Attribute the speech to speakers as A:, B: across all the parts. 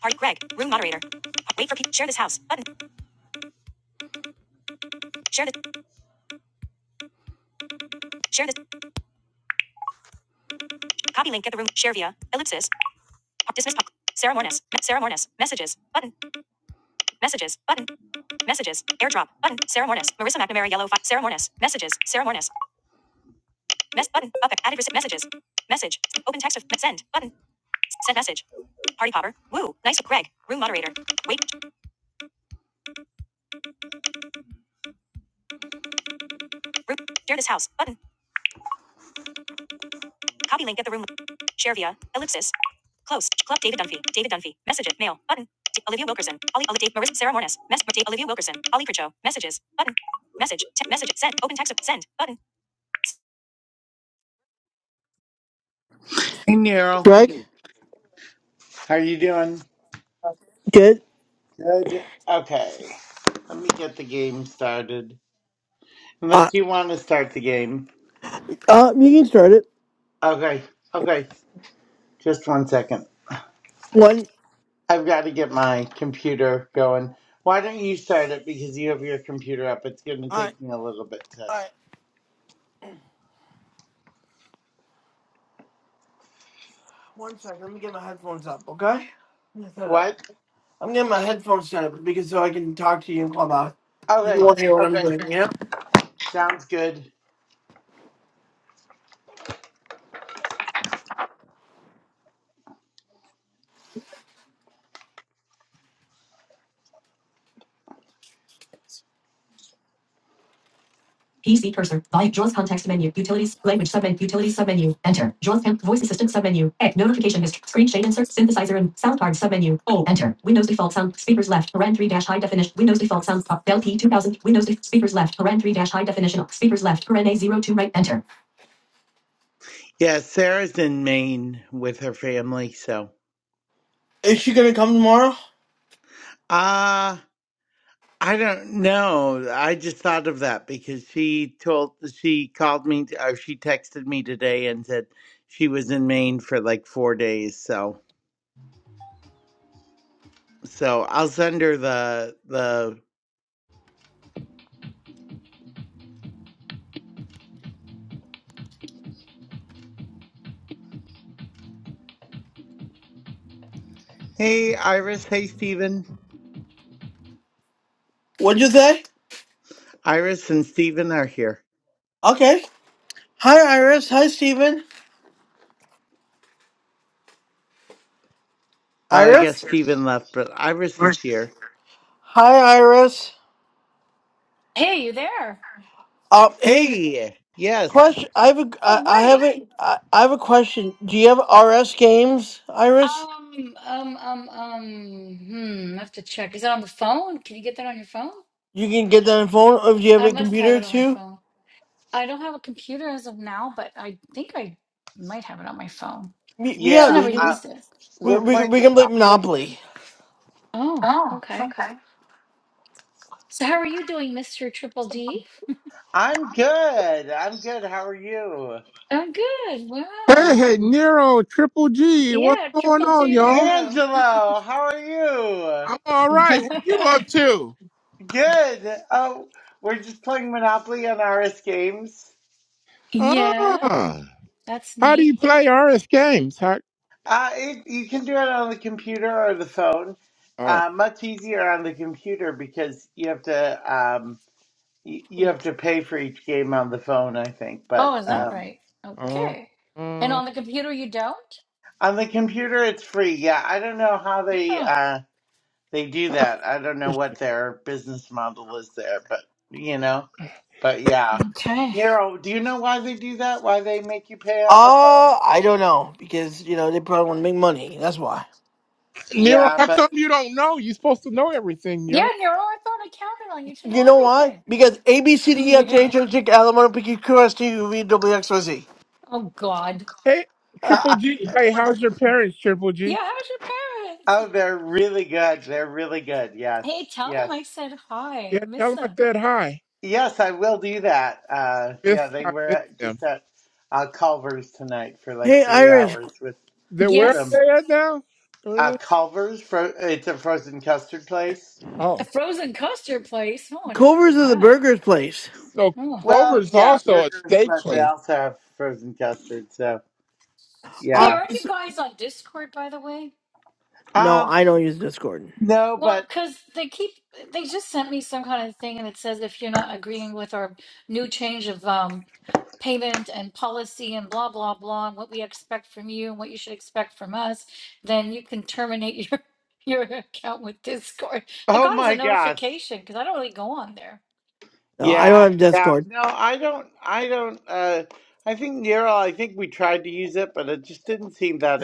A: Party Greg. Room moderator. Wait for people. Share this house. Button. Share this. Share this. Copy link. Get the room. Share via. Ellipsis. Dismiss. Sarah Mornes. Sarah Mornes. Messages. Button. Messages. Button. Messages. Airdrop. Button. Sarah Mornes. Marissa McNamara. Yellow. Five. Sarah Mornes. Messages. Sarah Mornes. Mess. Button. Up. Added. Receipt. Messages. Message. Open text. of- Send. Button. Send message. Party popper. Woo. Nice. Greg. Room moderator. Wait. Room. Share this house. Button. Copy link. Get the room. Share via ellipsis. Close. Club David Dunphy. David Dunphy. Message it. Mail. Button. D- Olivia Wilkerson. Ollie. Ollie. Dave. Marissa. Sarah Mornes. Mess. Dave. Olivia Wilkerson. Ollie Pritchot. Messages. Button. Message. Te- message. Send. Open text. Send. Button. Hey Nero.
B: Greg,
A: How you doing?
B: good.
A: Good. Okay. Let me get the game started.
B: Uh,
A: Unless you want to start the game.
B: uh, you can start it.
A: Okay. Okay. Just one second.
B: One.
A: I've got to get my computer going. Why don't you start it because you have your computer up? It's going to
B: All right,
A: take me a little bit to
B: all right. One second. Let me get my headphones up. Okay. Let me Set up.
A: What?
B: I'm getting my headphones set up because so I can talk to you in clubhouse. You
A: Okay.
B: won't hear what I'm
A: Okay.
B: doing. Yeah.
A: Sounds good.
B: PC cursor. Live Jaws context menu. Utilities. Language submenu. Utilities submenu. Enter. Jaws temp. Voice assistant submenu. Egg. Notification history. Screen shade insert. Synthesizer and sound card submenu. O. Enter. Windows default sound. Speakers left. Haran 3 dash high definition. Windows default sounds. Up. Dell P 2000. Windows def- speakers left. Haran 3 dash high definition. Speakers left. Haran A zero two right. Enter.
A: Yeah, Sarah's in Maine with her family, so
B: Is she gonna come tomorrow?
A: uh I don't know. I just thought of that because she told she called me or she texted me today and said she was in Maine for like 4 days, so so I'll send her the the Hey Iris, hey Steven.
B: What'd you say?
A: Iris and Steven are here.
B: Okay. Hi, Iris. Hi, Steven.
A: Oh, I guess
B: Iris.
A: Steven left, but Iris is here.
B: Hi, Iris.
C: Hey, you there?
B: Um. Hey,
A: Hey. Yes.
B: question. I have a. I
C: Oh,
B: I have
C: right.
B: a. I I have a question. Do you have RS games, Iris?
C: Um, um, um, um, hmm, I have to check. Is it on the phone? Can you get that on your phone?
B: You can get that on phone, or do you have
C: I
B: a
C: must have
B: computer
C: it on my
B: too?
C: phone. I don't have a computer as of now, but I think I might have it on my phone.
B: Me-
C: She
B: Yeah,
A: Yeah.
C: never
B: we can.
C: used it.
B: We,
A: We're
B: we, can-
A: playing
B: we can play
A: Monopoly.
B: Monopoly.
C: Oh,
B: Oh,
C: okay.
B: okay.
C: So how are you doing, Mr. Triple D?
A: I'm good. I'm good. How are you?
C: I'm good.
D: Hey,
C: Wow.
D: hey, Nero, Triple G, what's
C: Yeah,
D: going
C: Triple
D: on,
C: D
D: y'all?
C: Neuro.
A: Angelo, how are you?
D: I'm all right. What you up to?
A: Good. Oh, we're just playing Monopoly on RS Games.
C: Yeah,
D: Ah,
C: that's
D: how do
C: neat.
D: you play RS games? How?
A: Uh, it, you can do it on the computer or the phone.
D: Oh,
A: Uh, much easier on the computer because you have to um, you, you have to pay for each game on the phone, I think.
C: Oh,
A: But
C: is
D: uh,
C: that
A: um,
C: right?
D: uh,
C: Okay. And
D: uh.
C: on the computer you don't?
A: on the computer, it's free. Yeah, I don't know how they.
C: Huh.
A: Uh, they do that. I don't know what their business model is there, but you know, but yeah.
C: Okay.
A: Nero, do you know why they do that? Why they make you pay on the phone?
B: Uh, I don't know because you know they probably want to make money. That's why.
D: Nero,
A: Yeah,
D: how
A: but
D: come you don't know? You're supposed to know everything,
C: Yeah,
D: Nero.
C: Nero, I thought I counted on you to know
B: You know why?
C: everything.
B: Because A B C D E F G
C: Yeah.
B: H I J K L M N O P Q R S T U V W X Y Z.
C: Oh, God.
D: Hey, Triple
B: Hey,
D: G. Hey, how's your parents, Triple G?
C: Yeah, how's your parents?
A: oh, they're really good. They're really good.
C: Hey,
A: Yes,
C: tell them
A: yes,
C: I said hi.
D: Yeah,
C: I
D: tell
C: miss
D: them I
C: them.
D: said hi.
A: yes. I will do that. Uh,
D: Miss,
A: yeah, they
D: I
A: were
D: miss
A: at-
D: them.
A: just at uh, Culver's tonight for like three
B: Iris,
A: hours with
D: They, where are
C: Yes,
A: some
D: they at now? Where are
A: uh,
D: they?
A: Culver's. Fro- it's a frozen custard place.
C: a
D: Oh,
C: frozen custard place. Oh, I never heard
B: Culver's
C: of
B: is a
C: that.
B: burgers place.
D: so
C: Oh.
A: Well,
D: Clover's
A: yeah,
D: also a
A: burgers,
D: steak
A: but they
D: place.
A: also have frozen custard. So
C: Hey,
B: Um,
A: yeah.
C: are you
B: s-
C: guys on Discord, by the way?
B: no,
A: Um,
B: I don't use Discord.
A: no,
C: Well,
A: but
C: because they keep, they just sent me some kind of thing and it says if you're not agreeing with our new change of um, payment and policy and blah, blah, blah, and what we expect from you and what you should expect from us, then you can terminate your, your account with Discord. I
A: oh
C: got as a
A: my gosh.
C: notification because I don't really go on there.
B: No, I
C: Yeah.
A: Yeah,
B: don't have
A: yeah.
B: Discord.
A: No, I don't I don't uh I think Neural, I think we tried to use it, but it just didn't seem that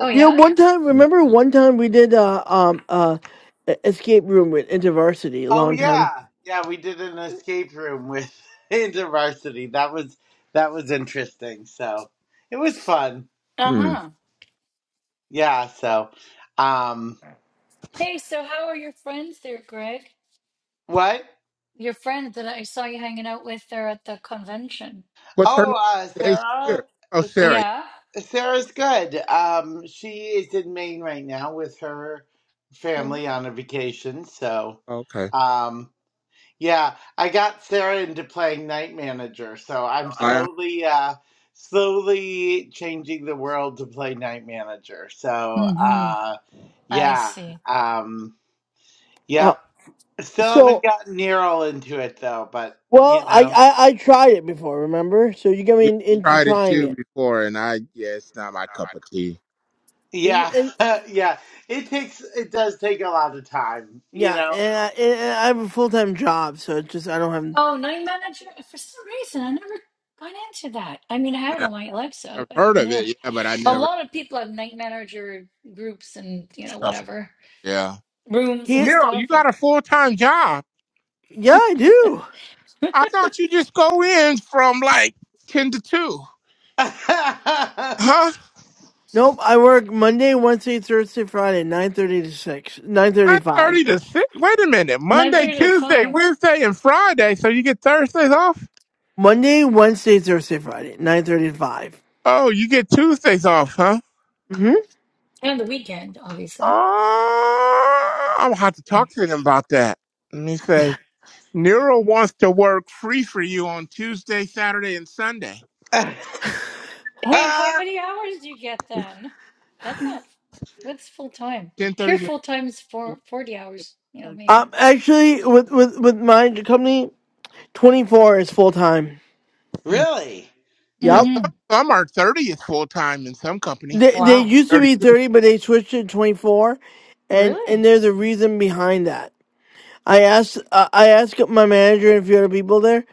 C: Oh
B: You know,
C: yeah?
B: one time, remember one time we did uh um uh e- escape room with InterVarsity a
A: Oh
B: long time.
A: yeah. Yeah, we did an escape room with into varsity. That was that was interesting. So it was fun.
D: Hmm.
C: Uh-huh.
A: Yeah, so um
C: Hey, so how are your friends there, Greg?
A: what?
C: Your friends that I saw you hanging out with there at the convention.
D: What's her
A: Oh
D: name?
A: uh
D: Hey, Sherry.
A: Sarah
D: Oh, Sherry.
C: Yeah.
A: Sarah's good. Um, she is in Maine right now with her family on a vacation. So,
D: Okay.
A: um, yeah, I got Sarah into playing night manager. So I'm
D: I
A: slowly, uh, slowly changing the world to play night manager. So,
C: Mm-hmm.
A: uh,
C: I
A: yeah,
C: see.
A: um,
B: Uh,
A: yep. Still haven't
B: so
A: gotten Neural into it though, but
B: well,
A: you
B: I,
A: know,
B: I I tried it before, remember? So you got me
D: yeah,
B: in- into
D: tried it
B: trying
D: too
B: it.
D: before, and I yeah, it's not my cup of tea.
B: And,
A: yeah,
B: and
A: yeah. It takes, it does take a lot of time, you
B: yeah,
A: know.
B: and I, and I have a full time job, so it's just I don't have
C: Oh, Night Manager. For some reason, I never got into that. I mean, I had it
D: Yeah.
C: on my Alexa,
D: I've
C: but
D: heard
C: I
D: of
C: don't know.
D: it, yeah, but I
C: A
D: never.
C: lot of people have Night Manager groups and you know
D: stuff-
C: whatever
D: Yeah.
C: rooms and
B: can't.
D: Nero, you
C: stuff at
D: got a full time job.
B: Yeah, I do.
D: I thought you just go in from like ten to two. Huh?
B: Nope, I work Monday, Wednesday, Thursday, Friday, nine thirty to six, nine
D: Nine
B: thirty-five.
D: thirty to six. Wait a minute.
C: nine
D: Monday,
C: thirty to
D: Tuesday,
C: five,
D: Wednesday, and Friday. So you get Thursdays off.
B: Monday, Wednesday, Thursday, Friday, nine thirty-five.
D: Oh, you get Tuesdays off, huh?
B: Mm-hmm.
C: and on the weekend, obviously.
D: Oh, I'm gonna have to
C: Mm.
D: talk to them about that. Let me say. Nero wants to work free for you on Tuesday, Saturday, and Sunday.
C: Hey, how many hours do you get then? That's not. That's full time. Here,
D: 10.30
C: full time is for forty hours. You know, maybe.
B: Um, actually, with with with my company, twenty-four is full time.
A: really?
D: Yeah,
B: Yep.
C: Mm-hmm.
D: some, some are 30 is full time in some companies.
B: They they
C: Wow.
B: used to
D: 30
B: be thirty, but they switched to twenty-four, and and
C: Really?
B: there's a reason behind that. I asked uh, I asked my manager and a few other people there.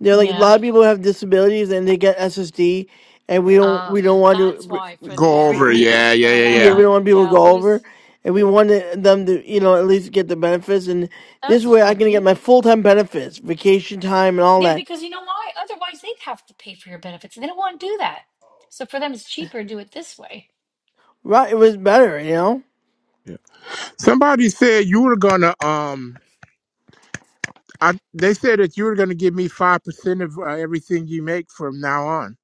B: They're like a
C: Yeah.
B: lot of people have disabilities and they get SSD, and we don't
C: Uh,
B: we don't want
C: that's
B: to.
C: why for the
D: go
C: uh,
B: we,
D: over. Yeah,
C: they
D: yeah,
C: don't
D: yeah,
C: want
B: Yeah,
D: yeah.
B: we
C: to.
B: don't want people to
C: Yeah,
B: go over,
C: lose.
B: and we wanted them to, you know, at least get the benefits. And this
C: That's
B: way, I can get
C: lucky.
B: my full time benefits, vacation time, and all
C: Yeah,
B: that.
C: because you know why? Otherwise, they'd have to pay for your benefits, and they don't want to do that. So for them, it's cheaper to do it this way.
B: Right? It was better, you know.
D: Yeah. Somebody said you were gonna um. I they said that you were gonna give me five percent of uh, everything you make from now on.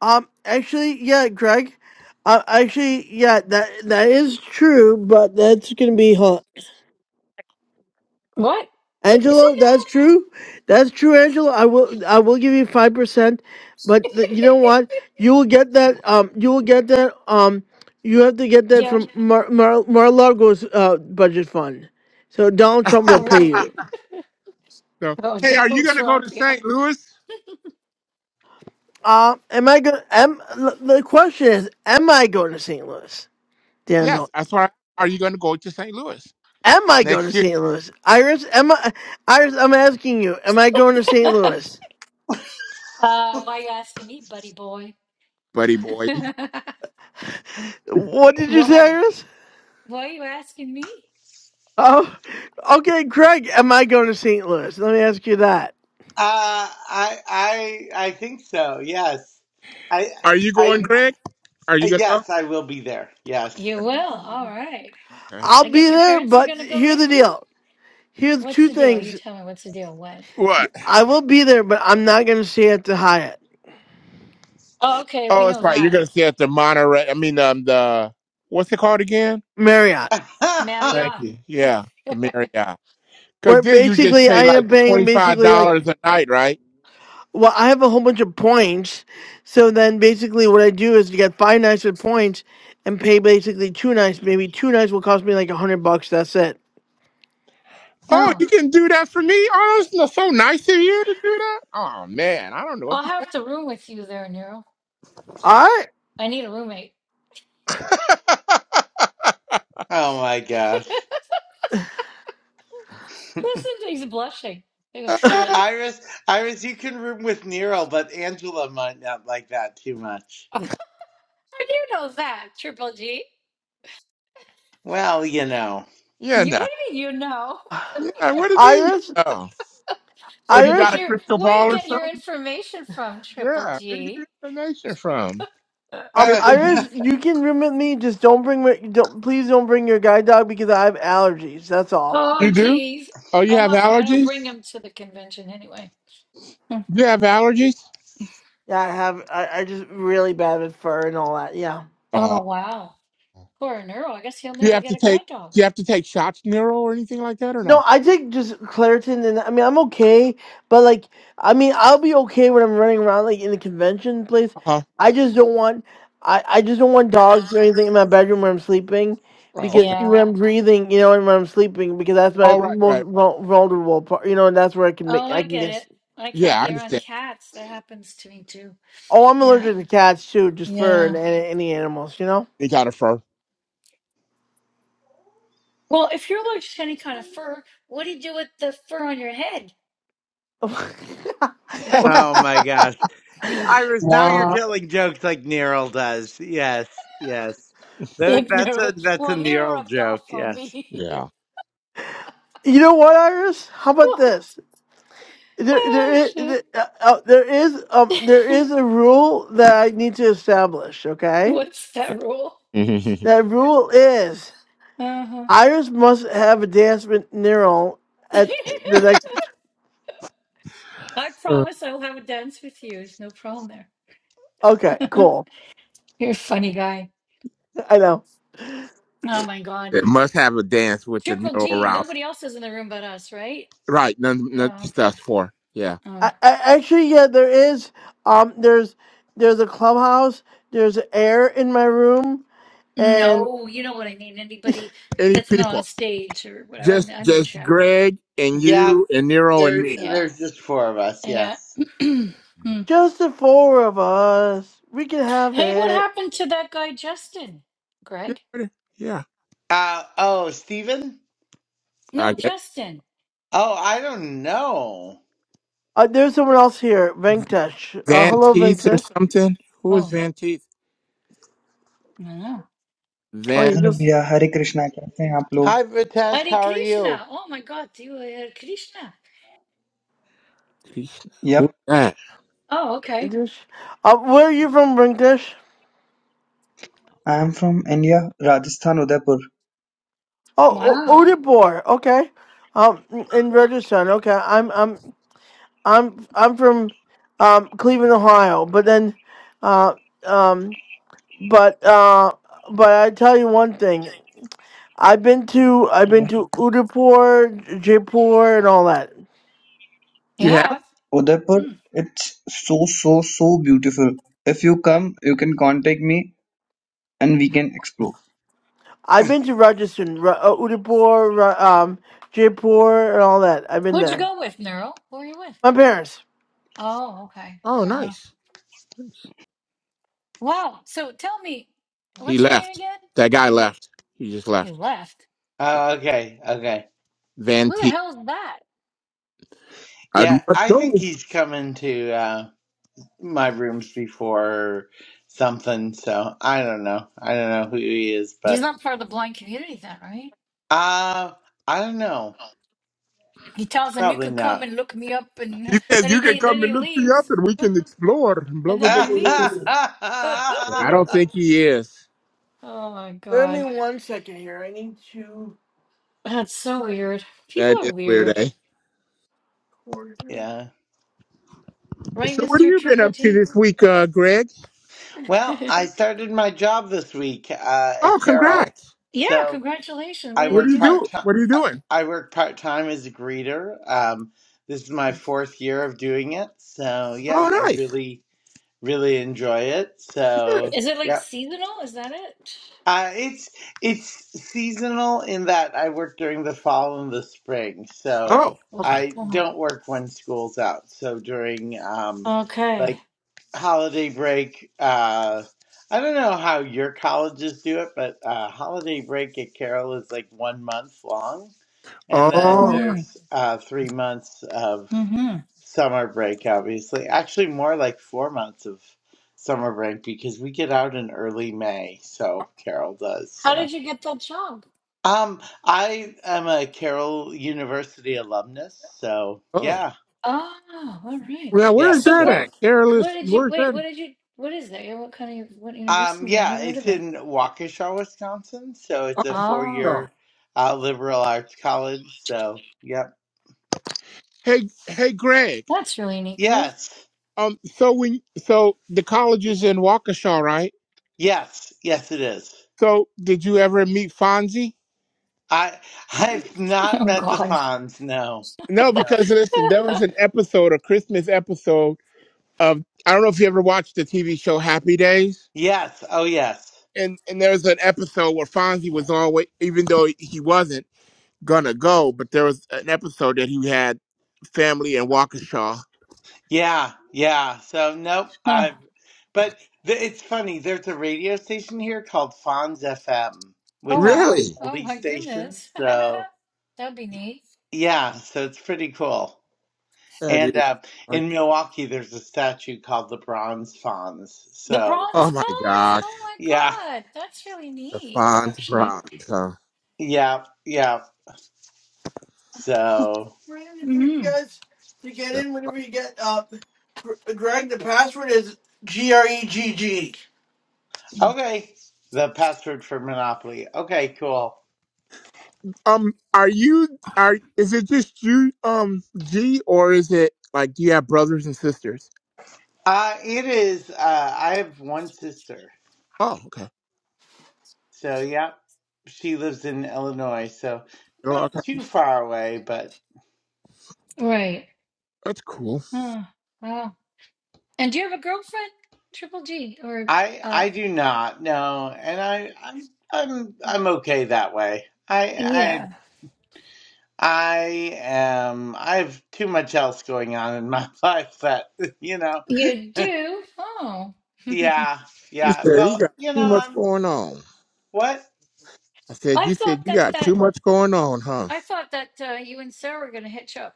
B: Um, actually, yeah, Greg. Uh, actually, yeah, that that is true, but that's gonna be hard.
C: What? What did you say
B: Angelo, that's true. That's true, Angelo. I will I will give you five percent, but th you know
C: now?
B: what? You will get that. Um, you will get that. Um, you have to get that
C: yeah.
B: from Mar Mar Mar-a-Lago's uh budget fund. So Donald Trump
C: Oh,
B: will pay
C: really?
B: you.
D: So,
C: Oh,
D: hey, are you
C: Donald
D: going to go
C: Trump.
D: to
C: Yeah.
D: St. Louis?
B: Uh, am I going? Am l- the question is, am I going to St. Louis, D'Angelo?
D: Yes, that's why. Are you going to go to St. Louis
B: Am I going to
D: next year,
B: St. Louis, Iris? Am I, Iris? I'm asking you, am I going to St. Louis?
C: Uh, why you asking me, buddy boy?
D: buddy boy?
C: why?
B: What did you say,
C: Why
B: Iris?
C: are you asking me?
B: Oh, okay, Craig, am I going to St. Louis? Let me ask you that.
A: Uh, I I I think so. Yes. I
D: Are you
A: I
D: going, Greg? Are you going to go?
A: yes, I will be there. Yes.
C: You will. All right.
D: Okay.
B: I'll
C: I
B: be
C: guess your
B: there,
C: parents are
B: but
C: gonna go
B: here's the
C: with you.
B: deal. Here's
C: What's
B: two
C: the deal? You
B: things.
C: tell me. What's the deal? What?
D: What?
B: I will be there, but I'm not going to stay at the Hyatt
C: Oh, okay.
D: Oh,
C: We
D: that's
C: know
D: right. You're
C: that.
D: going to stay at the Monterey. I mean, um, the what's it called again?
B: Marriott,
A: oh
D: Thank
C: Marriott.
D: you. Yeah, the Marriott. Because
B: where
D: then you just
B: basically
D: pay
B: I end
D: like
B: up paying
D: twenty five
B: basically like,
D: dollars a night, right?
B: well, I have a whole bunch of points. So then basically what I do is you get five nights of points and pay basically two nights. Maybe two nights will cost me like a hundred bucks. That's it.
D: Oh,
C: Oh.
D: you can do that for me? Oh, that's so nice of you to do that. Oh man, I don't know what
C: I'll
D: to
C: have to room with you there, Nero.
B: All right.
C: I need a roommate.
D: say.
A: my gosh.
C: Listen to he's blushing. I can feel it.
A: Iris, Iris, you can room with Nero, but Angela might not like that too much.
C: I do know that, Triple G.
A: Well, you know.
D: yeah,
C: You,
D: no.
C: what do you mean you know?
D: Yeah, what do you
B: Iris,
D: mean?
C: Where are
D: What do
C: you
D: you got
C: get
B: Iris,
D: a
C: your
D: crystal
C: where
D: ball
C: you
D: or
C: get your
D: something?
C: information from, Triple
D: Yeah. Where do you get your
C: G?
D: information from?
B: Um,
A: Uh,
B: Iris, you can room with me. Just don't bring my don't please don't bring your guide dog because I have allergies. That's all.
D: You
C: Oh
D: do?
C: geez.
D: Oh, you
C: I'm
D: have
C: not I don't bring
D: allergies?
C: him to the convention anyway. Hmm.
D: Do you have allergies?
B: Yeah, I have. I, I just really bad with fur and all that. Yeah.
D: Uh,
C: Oh wow. Poor Nero. I guess he'll
D: do you
C: never
D: have
C: get
D: to
C: a
D: take
C: guide dog.
D: do you have to take shots Nero or anything like that or
B: No,
D: no?
B: I take just Claritin, and I mean I'm okay. But like, I mean I'll be okay when I'm running around like in the convention place.
D: Uh huh.
B: I just don't want. I, I just don't want dogs or anything in my bedroom when I'm sleeping,
D: Oh,
B: because
D: okay.
B: when
C: Yeah.
B: I'm breathing, you know, and when I'm sleeping, because that's my
D: All right,
B: most
D: right.
B: vul- vulnerable part, you know, and that's where I can
C: Oh
B: make
C: I
B: I can
C: get
B: get.
C: it. I can't
D: Yeah, I
C: be around
D: understand.
C: cats. That happens to me too.
B: Oh, I'm
C: Yeah.
B: allergic to cats too, just for
C: Yeah.
B: an- any, any animals, you know?
D: Any kind of fur.
C: Well, if you're allergic to any kind of fur, what do you do with the fur on your head?
A: oh my gosh. Iris, now you're
D: Wah.
A: telling jokes like Nero does. Yes, yes. Tho-
C: Like,
A: That's
C: no,
A: a that's a
C: well, mirror
A: Nero
C: rubbed off
A: joke,
C: on
A: yes.
C: me.
D: yeah.
B: you know what, Iris? How about
C: what?
B: this? There, there,
C: Oh,
B: is,
C: shit.
B: there, uh, uh, there is, um, there is a rule that I need to establish. Okay,
C: What's that rule?
B: that rule is
C: Uh huh.
B: Iris must have a dance with Neural at the next.
C: I
D: Uh,
C: promise I will have a dance with you. There's no problem there.
B: Okay, cool.
C: you're a funny guy.
B: I know.
C: Oh my god.
D: it must have a dance with the
C: Triple
D: Nero
C: G.
D: Rouse.
C: Nobody else is in the room but us, right?
D: Right, none, none
C: Oh,
D: just
C: okay.
D: us four. Yeah.
C: Oh.
B: I, I actually, yeah, there is. Um, there's, there's a clubhouse. There's air in my room, and
C: No, you know what I mean. Anybody
D: Any
C: that's not on
D: people.
C: stage or whatever.
D: Just
C: I didn't
D: just
C: check.
D: Greg and
A: Yeah,
D: you and Nero and
A: There,
D: me.
C: Yeah.
A: there's just four of us.
C: Yeah.
A: Yes.
C: Hmm.
B: Just the four of us. We can have
C: Hey, what
B: it.
C: happened to that guy, Justin?
D: Yeah,
C: Greg?
D: right. yeah.
A: Uh, oh, Steven?
D: I
C: No,
D: guess
C: Justin.
A: Oh, I don't know.
B: Uh, there's someone else here, Venkatesh. Uh,
D: Van
B: hello,
D: Teeth or
B: Venkatesh.
D: something. Who is
C: Oh,
D: Van Teeth?
C: I don't know.
B: Oh, you
D: Van
E: Hello
B: just.
E: भैया हरे Krishna. कैसे हैं आप लोग
A: Hi,
C: Hare
A: Vitesh. How are you?
C: Krishna. Oh my God, you were Hare Krishna.
D: Teeth.
E: yep
D: Who's that?
C: Oh,
B: you
C: okay.
B: just- Uh, where are you from, Venkatesh?
E: I am from India Rajasthan Udaipur
B: Oh, U-
C: Wow.
B: Udaipur. Okay. Um, in Rajasthan. Okay, I'm I'm I'm I'm from um Cleveland, Ohio. But then, uh, um, but uh, but I tell you one thing. I've been to I've been
E: Yes.
B: to Udaipur, J- Jaipur, and all that.
C: You
D: You have?
C: have?
E: Udaipur
C: Hmm.
E: it's so so so beautiful if you come you can contact me and we can explore
B: I've been to Rajasthan, Ra- uh, Udaipur, Ra- um, Jaipur, and all that. I've been
C: Who'd you
B: there.
C: go with, Neural? Who are you with?
B: My parents.
C: Oh, okay.
D: Oh,
C: Uh-huh.
D: nice. Nice.
C: Wow. So tell me,
D: He
C: what's your name
D: left.
C: again?
D: That guy
C: I mean,
D: left. He just
C: he
D: left.
C: left.
A: Oh, okay, okay.
D: Van
C: Who the
D: Teeth.
C: hell is that?
D: I
A: Yeah,
D: do not
A: I think
D: know.
A: he's come into uh, my rooms before or something. So I don't know. I don't know who he is,
C: He's
A: but
C: not part of the blind community then, right?
A: uh, I don't know.
C: He tells them you
A: Probably
C: could come
A: not.
C: and look me up and
D: He says
C: then
D: you can
C: he then
D: come
C: he
D: and look me up
C: leaves.
D: and we can explore. Blah,
C: and
D: blah,
C: then
D: blah,
C: he
D: blah, blah,
C: leaves.
D: blah. Yeah, I don't think he is.
C: Oh my
B: Bear me
C: God.
B: one second here. I need to
C: That's so weird. People
D: That
C: are
D: is
C: weird.
D: weird, eh?
A: yeah.
C: Right,
D: So what have
C: Mr.
D: you been
C: Triple
D: up to
C: G?
D: this week, uh, Greg?
A: Well, I started my job this week uh, at
D: Oh,
A: Carol,
D: congrats.
C: Yeah,
A: so.
C: congratulations. What
A: I
C: are
D: What
C: you
D: do
A: work
D: you
C: doing?
A: part
D: do?
A: time.
D: What are you
A: I
D: doing?
A: I work part time as a greeter. Um, this is my fourth year of doing it, so yeah, I
D: Oh, nice.
A: really, really enjoy it.
D: Good.
A: So
C: Is it
A: yeah.
C: like seasonal? Is that it?
A: Uh, it's it's seasonal in that I work during the fall and the spring, so
D: Oh, okay.
A: I
C: Oh,
A: don't work when school's out. So during um,
C: Okay.
A: like holiday break, uh, I don't know how your colleges do it, but uh, holiday break at Carroll is like one month long, and then
D: Oh,
C: Mm,
A: there's uh, three months of
C: hmm
A: summer break, obviously. Actually, more like four months of summer break because we get out in early May. So Carol does.
C: How
A: So
C: did you get that job?
A: um, I am a Carroll University alumnus. So
D: Oh,
A: yeah,
C: Oh, all right.
D: now
A: yeah.
D: where's
C: So
D: that
C: what
A: So
D: at?
C: what
D: Careless,
C: did you
D: where's
C: wait, what
D: that?
C: did you what is that? Yeah, What kind of what university
A: um,
C: is that? I
A: yeah,
C: never heard of
A: it's
C: it.
A: in Waukesha, Wisconsin. So
D: Oh,
A: it's a
C: Oh,
D: no.
A: four-year uh, liberal arts college. So yep.
D: Hey, hey, Greg.
C: that's really neat, Greg.
A: Yes,
D: Um, so when so the college is in Waukesha, right?
A: yes, yes, it is.
D: So did you ever meet Fonzie?
A: I I've not
C: Oh
A: met the
C: God.
A: Fonz. No,
D: No,
A: no.
D: because listen, there was an episode, a Christmas episode of I don't know if you ever watched the TV show Happy Days,
A: Yes. Oh, yes.
D: and and there was an episode where Fonzie was always, even though he wasn't gonna go, but there was an episode that he had family in Waukesha.
A: Yeah. Yeah. So, nope.
C: Huh.
A: I've, but th- it's funny. There's a radio station here called Fonz FM,
C: Oh
A: which is
C: wow.
A: an
D: Really?
C: Oh
A: oldie
C: my
A: station.
C: goodness.
A: So,
C: That'd be neat.
A: yeah. So it's pretty cool.
D: That
A: And uh,
D: is.
A: in Milwaukee, there's a statue called the Bronze Fonz.
C: The
A: So,
C: bronze
D: Oh my
C: fonts. Oh
D: gosh,
C: my
A: yeah.
C: god. That's really
D: the
C: neat,
D: font
C: actually.
D: Browns, huh?
A: Yeah. Yeah. So,
B: bring it for you
C: hmm
B: guys to get
D: The-
B: in whenever you get up. Gr- Greg, the password is G R E G G.
A: okay. The password for Monopoly. Okay. Cool.
D: Um, are you are is it just you, um, G, or is it like do you have brothers and sisters?
A: Uh, it is, uh, I have one sister.
D: Oh, okay.
A: So, yeah, she lives in Illinois, so
D: Oh,
A: not
D: okay.
A: too far away, but
C: Right.
D: That's cool.
C: Huh. Wow. And do you have a girlfriend? Triple G or
A: I
C: uh
A: I do not no, and I I'm I'm I'm okay that way. I
C: yeah.
A: I I am I have too much else going on in my life that you know.
C: You do? Oh. I
A: Yeah,
D: You
A: yeah.
D: said you
A: Well,
D: got
A: you
D: too
A: know,
D: much
A: I'm
D: going on.
A: what?
D: I said you said
C: thought
D: you
C: that
D: got
C: that
D: too much going on, huh?
C: I thought that uh, you and Sarah were gonna hitch up.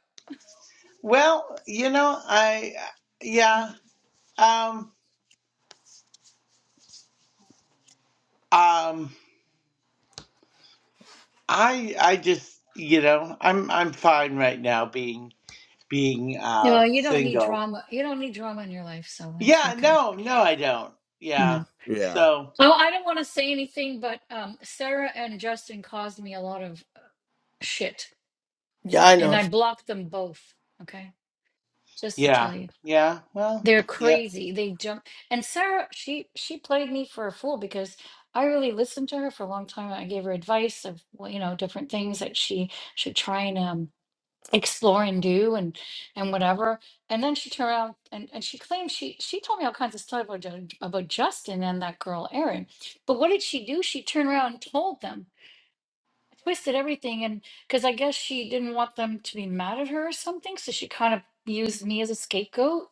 A: Well, you know, I yeah. Um um I I just you know, I'm I'm fine right now being being
C: No,
A: uh
C: you don't need
A: single.
C: drama. You don't need drama in your life, so that's you're
A: Yeah,
C: good.
A: no, no, I don't. Yeah.
D: Yeah.
A: So
C: Oh, I don't want to say anything, but um, Sarah and Justin caused me a lot of shit,
B: Yeah, I
C: and
B: know.
C: I blocked them both. Okay, just to
A: yeah,
C: tell you,
A: yeah. Well,
C: they're
A: yep,
C: crazy. They jump, and Sarah, she she played me for a fool because I really listened to her for a long time. I gave her advice of well, you know different things that she should try and um, explore and do, and and whatever. And then she turned around and, and she claimed she she told me all kinds of stuff about Ju- about Justin and that girl Erin. But what did she do? She turned around and told them. I twisted everything and because i guess she didn't want them to be mad at her or something so she kind of used me as a scapegoat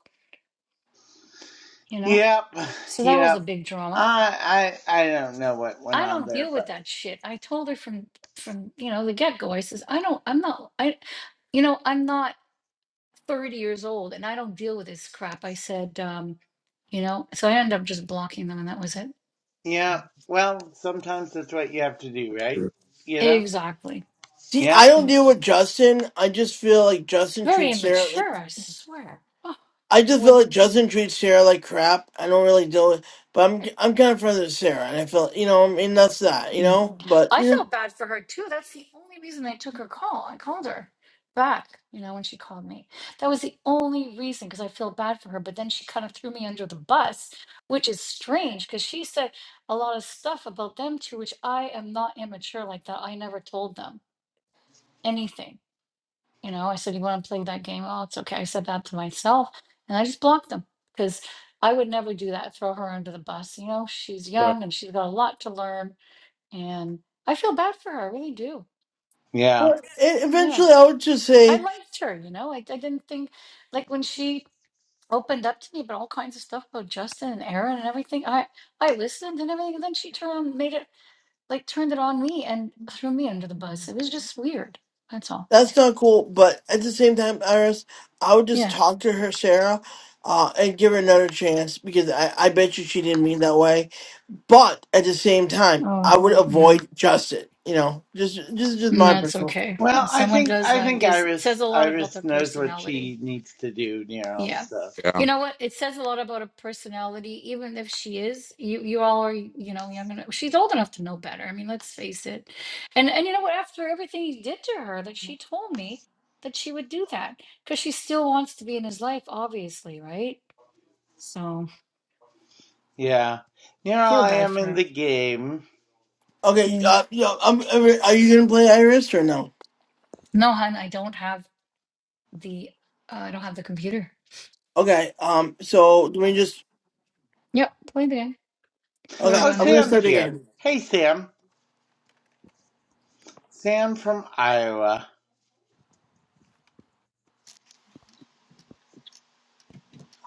C: you know
A: yep,
C: so that was a
A: yep.
C: big drama
A: I I I don't know what went
C: i
A: on
C: don't
A: there,
C: deal with
A: but
C: that shit i told her from from you know the get-go i says i don't i'm not i you know i'm not 30 years old and i don't deal with this crap i said um you know so i ended up just blocking them and that was it
A: yeah. Well, sometimes that's what you have to do, right?
D: Yeah.
A: You know.
C: exactly
B: See,
A: Yeah,
B: I don't
C: Mm,
B: deal with Justin. I just feel like Justin
C: very
B: treats Sarah like
C: immature i swear oh,
B: I just feel
C: what did
B: like Justin treats Sarah like crap. I don't really deal with, but I'm I'm kind of friends with Sarah, and I feel you know I mean that's that you know, but
C: I
B: you know.
C: felt bad for her too. That's the only reason I took her call. I called her back, you know, when she called me. That was the only reason because I feel bad for her. But then she kind of threw me under the bus, which is strange because she said a lot of stuff about them too, which I am not immature like that. I never told them anything. You know, I said, You want to play that game? Oh, it's okay. I said that to myself and I just blocked them because I would never do that, throw her under the bus. You know, she's
D: Right.
C: young and she's got a lot to learn. And I feel bad for her. I really do
A: yeah.
B: Well, e-
C: Yeah.
B: eventually, I would just
C: I
B: say
C: liked her, you know. I, I didn't think like when she opened up to me about all kinds of stuff about Justin and Aaron and everything, I I listened and everything, and then she turned on made it like turned it on me and threw me under the bus. It was just weird. That's all.
B: that's not cool. But at the same time, Iris, I would just
C: Yeah.
B: talk to her, Sarah, uh, and give her another chance because I, I bet you she didn't mean that way. But at the same time,
C: Oh.
B: I would
C: Yeah.
B: avoid Justin. You know, just just just
C: And
B: my
C: That's
B: personal.
C: okay. When
A: Well, I
C: someone
A: think
C: does
A: I
C: that, it
A: think
C: gives says
A: Iris
C: a lot about their
A: Iris knows what
C: personality.
A: she needs to do, Nero.
C: Yeah.
A: So
D: Yeah.
C: You know what? It says a lot about a personality, even if she is. You you all are, you know, young enough. She's old enough to know better. I mean, let's face it. And and you know what? After everything he did to her, like she told me that she would do that because she still wants to be in his life, obviously, right? So
A: yeah, Nero,
C: feel
A: I
C: bad
A: am
C: for
A: in
C: her.
A: the game.
B: Okay,
C: Mm.
B: uh, you know, I'm, are you gonna play Iris or no?
C: No, hun, I don't have the uh, I don't have the computer.
B: Okay, um, so let me just.
C: Yep, play the game.
B: Okay,
C: We're
A: Oh,
B: I'm
C: gonna.
B: gonna
A: Sam's
B: start the
A: here.
B: game.
A: Hey, Sam. Sam from Iowa.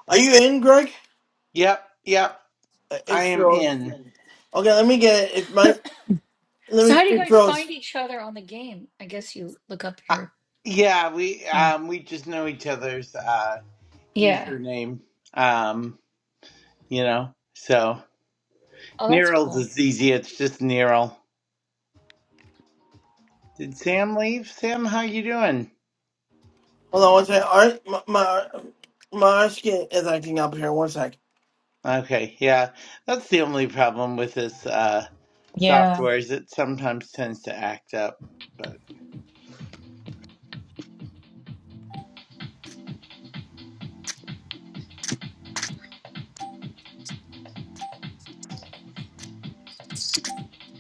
B: Are you in, Greg?
A: Yep, yep.
B: Uh,
A: I
B: If
A: am
B: you're
A: in.
B: okay, let me get it. If my let
C: So how
B: me
C: do you
B: it
C: guys find
B: froze.
C: each other on the game? I guess you look up
A: Uh,
C: your
A: yeah, we
C: yeah.
A: um we just know each other's uh
C: Yeah.
A: username. Um, you know. So
C: Oh, that's
A: Neural's
C: cool.
A: is easy. It's just Neural. Did Sam leave? Sam, how you doing?
B: Hold on one second. Our, my, my, my skin is acting up here. One sec.
A: Okay, yeah. That's the only problem with this uh
C: Yeah.
A: software is it sometimes tends to act up. But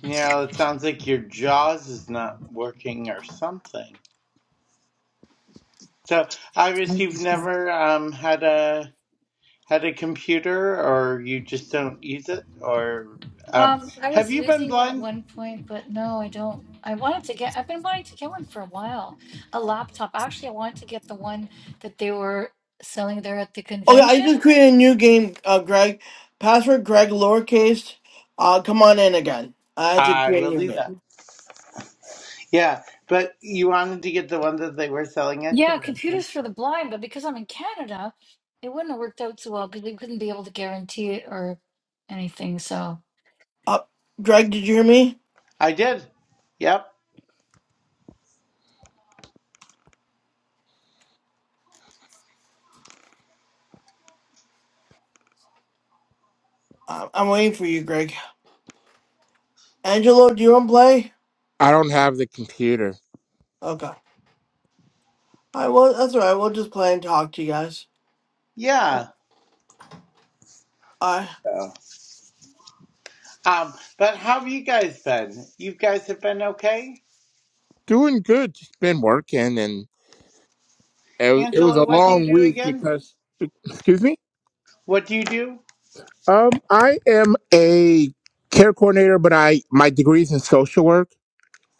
A: Neural, it sounds like your jaws is not working or something. So I was you've never um had a had a computer or you just don't use it or um
C: Um, I
A: have
C: was
A: you been
C: using one at
A: blind?
C: one point, but no, I don't. I wanted to get, I've been wanting to get one for a while. A laptop. Actually, I wanted to get the one that they were selling there at the
B: Okay, I
C: convention.
B: just created a new game, uh, Greg. Password Greg lowercase. Uh, come on in again. I had to
A: I
B: create a
A: will
B: new
A: do that.
B: game.
A: Yeah, but you wanted to get the one that they were selling at
C: Yeah,
A: convention.
C: computers for the blind, but because I'm in Canada, it wouldn't have worked out so well because we wouldn't be able to guarantee it or anything. So.
B: Uh, Greg, did you hear me?
A: I did. Yep.
B: Uh, I'm waiting for you, Greg. Angelo, do you want to play?
D: I don't have the computer.
B: Okay. I will. that's alright. We'll just play and talk to you guys.
A: Yeah.
B: I
A: So, Um, but how have you guys been? You guys have been okay?
D: Doing good. Just been working, and it, it was
A: Angela,
D: a
A: what do you
D: long
A: do
D: week
A: again?
D: because. Excuse me.
A: What do you do?
D: Um, I am a care coordinator, but I my degree's in social work,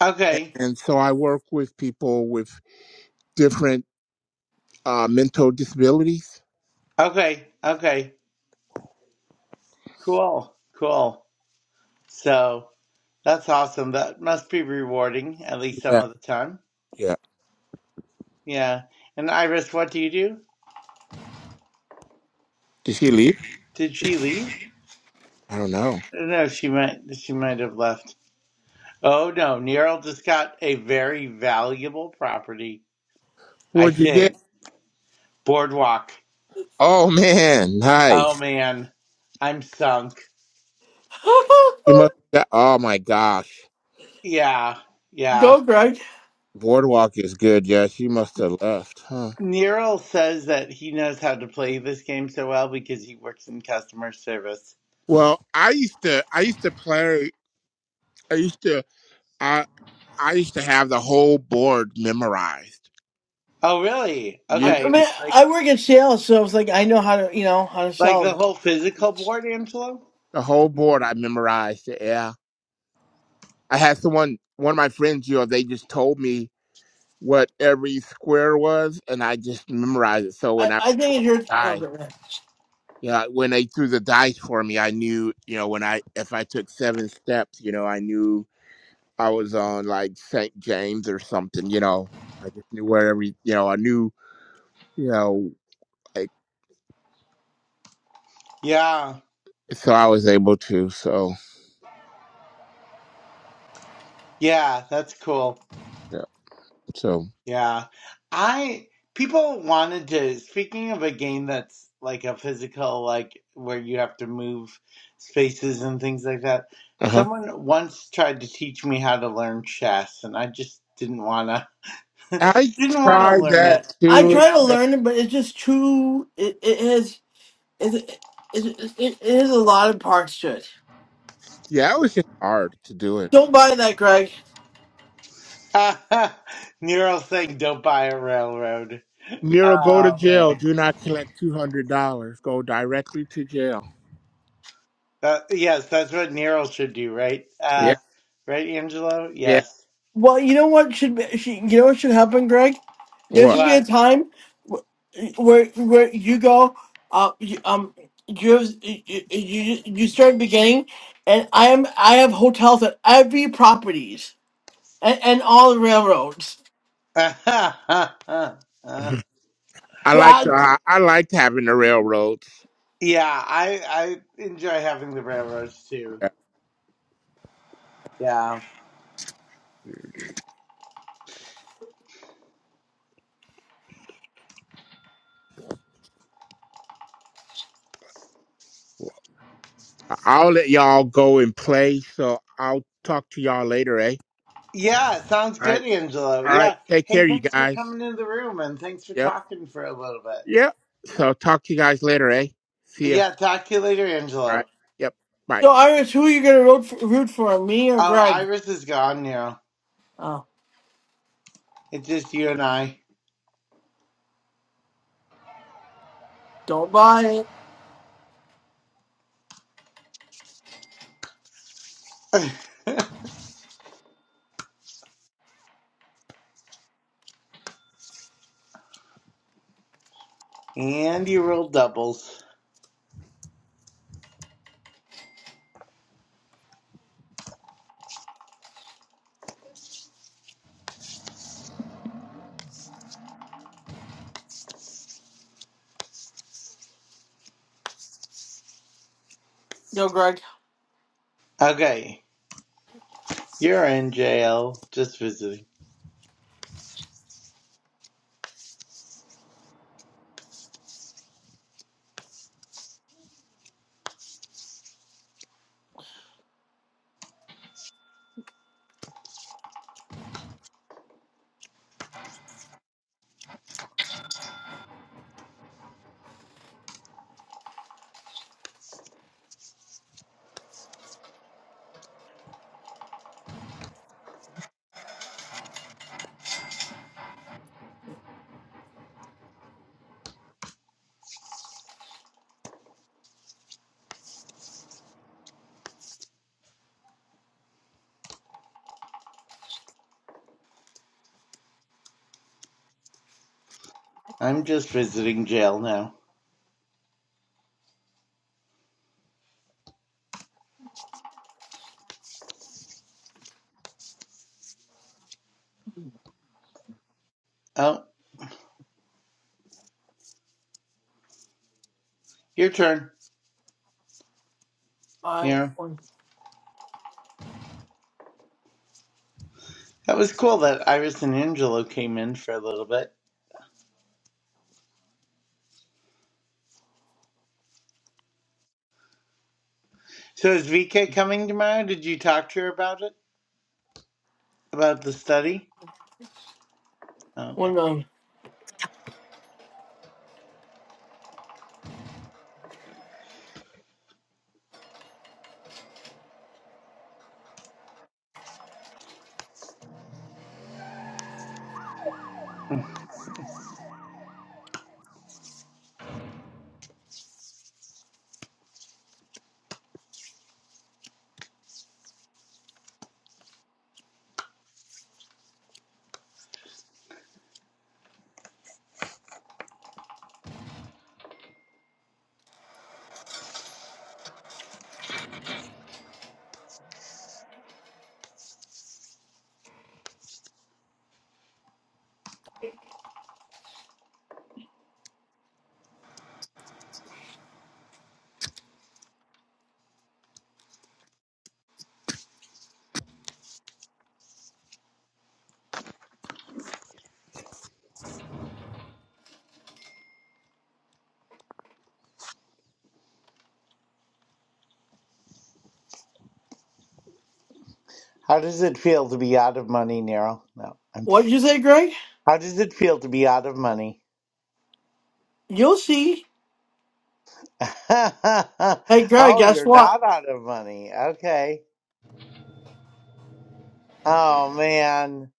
A: Okay.
D: and so I work with people with different uh, mental disabilities.
A: Okay. Okay. Cool. Cool. So That's awesome. That must be rewarding, at least some
D: Yeah,
A: of the time.
D: yeah.
A: Yeah. And Iris, what do you do?
D: Did she leave?
A: Did she leave?
D: I don't know.
A: No, she might she might have left. Oh no, Neural just got a very valuable property, I
D: What'd you
A: think.
D: get?
A: Boardwalk.
D: Oh man,
A: Oh
D: nice.
A: man, I'm sunk.
D: She must. Got, oh my gosh,
A: Yeah, yeah.
B: Go, Greg.
D: Boardwalk is good. Yeah, she must have left, huh?
A: Neural says that he knows how to play this game so well because he works in customer service.
D: Well, I used to. I used to play. I used to. I I used to have the whole board memorized.
A: Oh really?
D: You
B: I, I
A: Okay.
B: mean,
A: Like
B: I work in sales, so it's like I know how to, you know, how to
A: like the
B: sell.
A: whole physical board, Angelo?
D: the whole board I memorized. Yeah, I had someone, one of my friends, you know, they just told me what every square was, and I just memorized it. So when
B: I,
D: I
B: I think it's your.
D: die,
B: Okay.
D: yeah, when they threw the dice for me, I knew, you know, when I if I took seven steps, you know, I knew I was on like St. James or something. You know, I just knew where every, you know, I knew, you know, like
A: Yeah.
D: so I was able to. So
A: Yeah, that's cool.
D: yeah, so
A: Yeah. I people wanted to speaking of a game that's like a physical like where you have to move spaces and things like that.
D: uh huh.
A: Someone once tried to teach me how to learn chess and I just didn't want to
D: I
A: didn't want to
D: tried
A: learn it,
D: that
B: I
D: too.
A: you
B: try
D: It's,
B: to
A: know.
D: uh,
B: learn it, but it's just too. It, it has. It, it, it, it has a lot of parts to it.
D: yeah, it was just hard to do it.
B: Don't buy that, Greg.
A: Neural saying don't buy a railroad.
D: Nero, go to
A: Oh man.
D: jail. Do not collect two hundred dollars. Go directly to jail.
A: Uh, yes, that's what neural should do, right?
D: Yeah,
A: Uh right Angelo?
D: yeah.
A: Yes.
B: Well, you know what should be, should- you know what should happen, Greg? There
D: What?
B: should be
A: What?
B: a time wh- where where you go, uh, you, um, you, have, you you you start beginning, and I am I have hotels at every properties and, and all the railroads.
A: yeah,
D: I like the
B: That's,
D: I, I liked having the railroads.
A: I I enjoy having the railroads too.
D: Yeah.
A: Yeah.
D: Well, I'll let y'all go and play. So I'll talk to y'all later, eh?
A: Yeah, sounds
D: All
A: good,
D: right.
A: Angelo.
D: All right.
A: Yeah.
D: Take
A: Hey,
D: care, you
A: thanks for
D: guys.
A: coming into the room and thanks for
D: Yep.
A: talking for a little bit.
D: Yep. So talk to you guys later, eh? See ya.
A: Yeah, talk to you later,
D: All
A: Angelo.
D: right. Yep. Bye.
B: so Iris, who are you gonna root for, root for, me or
A: Oh,
B: Greg?
A: Iris is gone now.
B: Oh,
A: It's just you and I.
B: don't buy it.
A: And you roll doubles.
B: Yo, Greg.
A: Okay. You're in jail. Just visiting. I'm just visiting jail now. Oh, your turn.
B: I
A: Yeah.
B: one
A: That was cool that Iris and Angelo came in for a little bit. So is VK coming tomorrow? Did you talk to her about it? About the study? Oh.
B: one um.
A: How does it feel to be out of money, Nero? No. I'm
B: What
A: just,
B: you say, Greg?
A: how does it feel to be out of money?
B: You'll see. Hey, Greg.
A: oh,
B: Guess
A: you're
B: what?
A: not out of money. Okay. Oh man.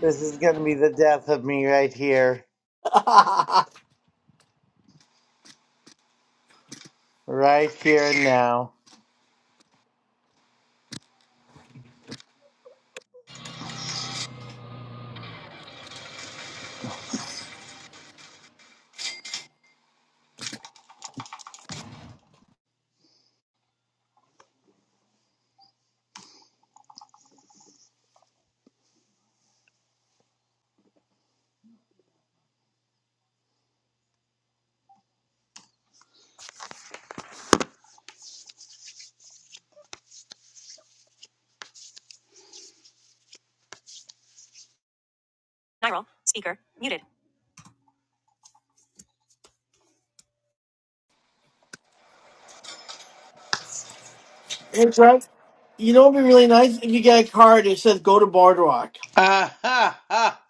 A: This is gonna be the death of me right here. Right here and now. Viral. Speaker. Muted.
B: hey, Greg. You know what'd be really nice if you get a card that says "Go to Boardwalk."
A: Ah ha ha.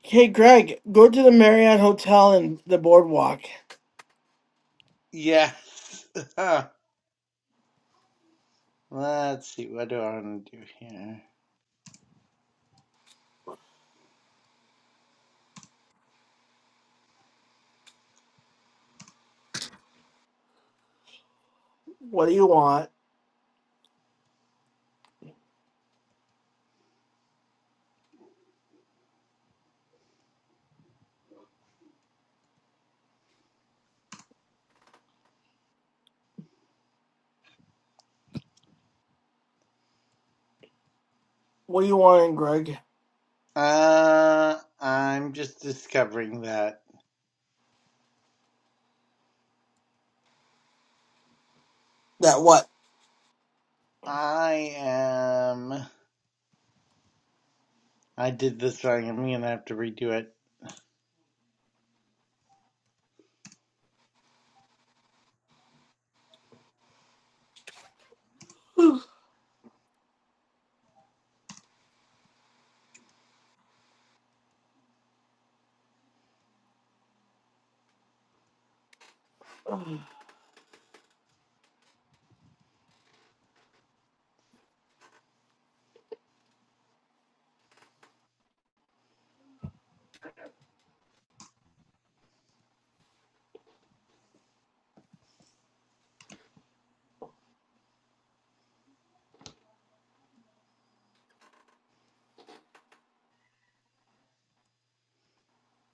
B: Hey, Greg. Go to the Marriott Hotel and the Boardwalk.
A: Yes. Let's see, what do I want to do here?
B: What do you want? What do you want, in Greg?
A: Uh, I'm just discovering that
B: That what?
A: I am. I did this wrong. I'm gonna have to redo it.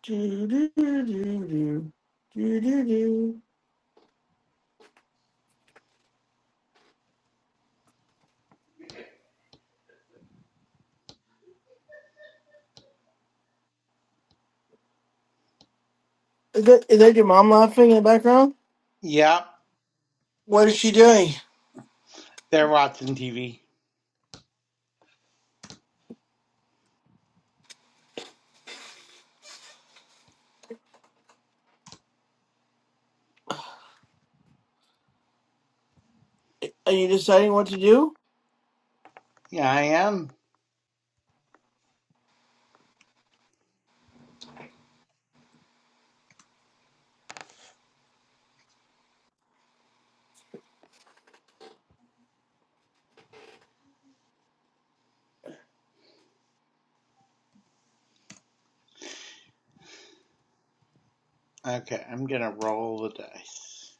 B: Do do do do do do do. Is that is that your mom laughing in the background?
A: Yep,
B: What is she doing?
A: they're watching TV.
B: Are you deciding what to do?
A: Yeah, I am. Okay, I'm gonna roll the dice.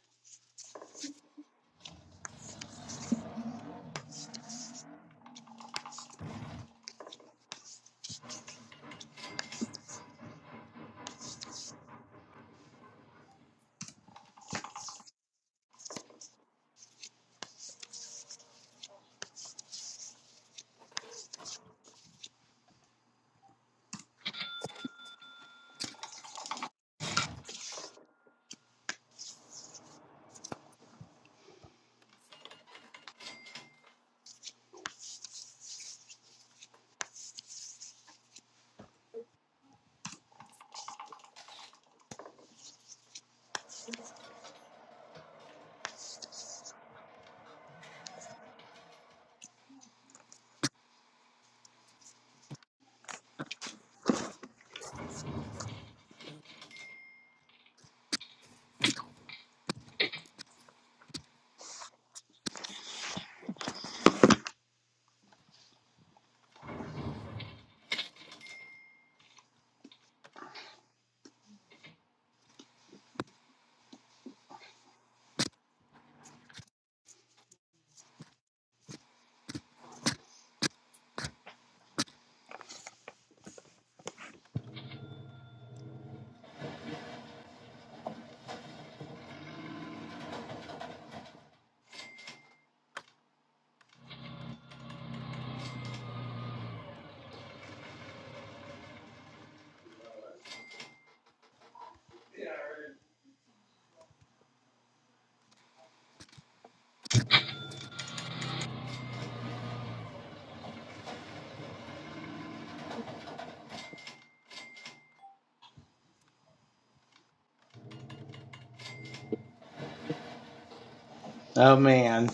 A: Oh man.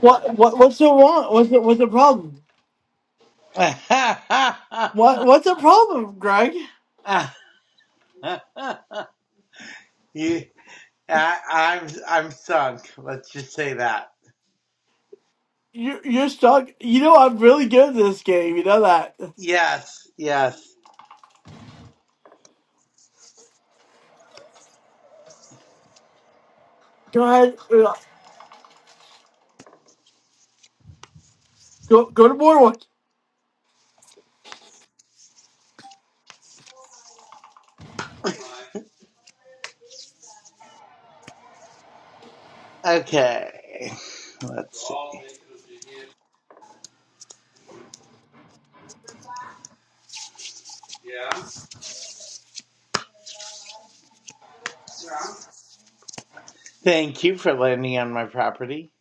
B: What what what's the wrong? What's the, what's the problem? What what's the problem, Greg?
A: you, I, I'm I'm sunk. Let's just say that.
B: You you're stuck. You know I'm really good at this game. You know that.
A: Yes, yes.
B: Go ahead. uh, Go go to Boardwalk.
A: Okay. Let's see. Thank you for landing on my property.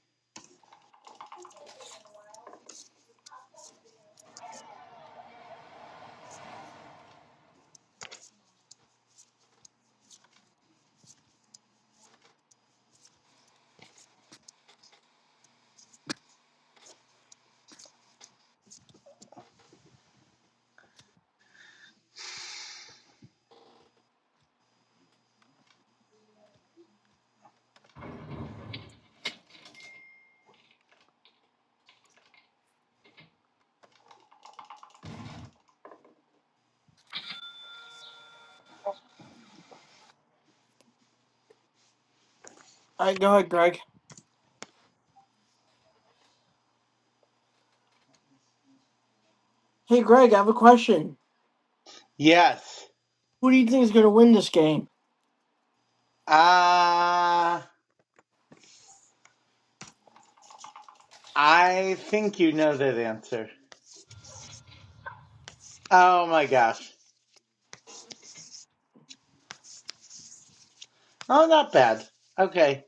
B: All right, go ahead, Greg. Hey, Greg, I have a question.
A: Yes.
B: Who do you think is going to win this game?
A: Uh, I think you know that answer. Oh my gosh. Oh, not bad. Okay.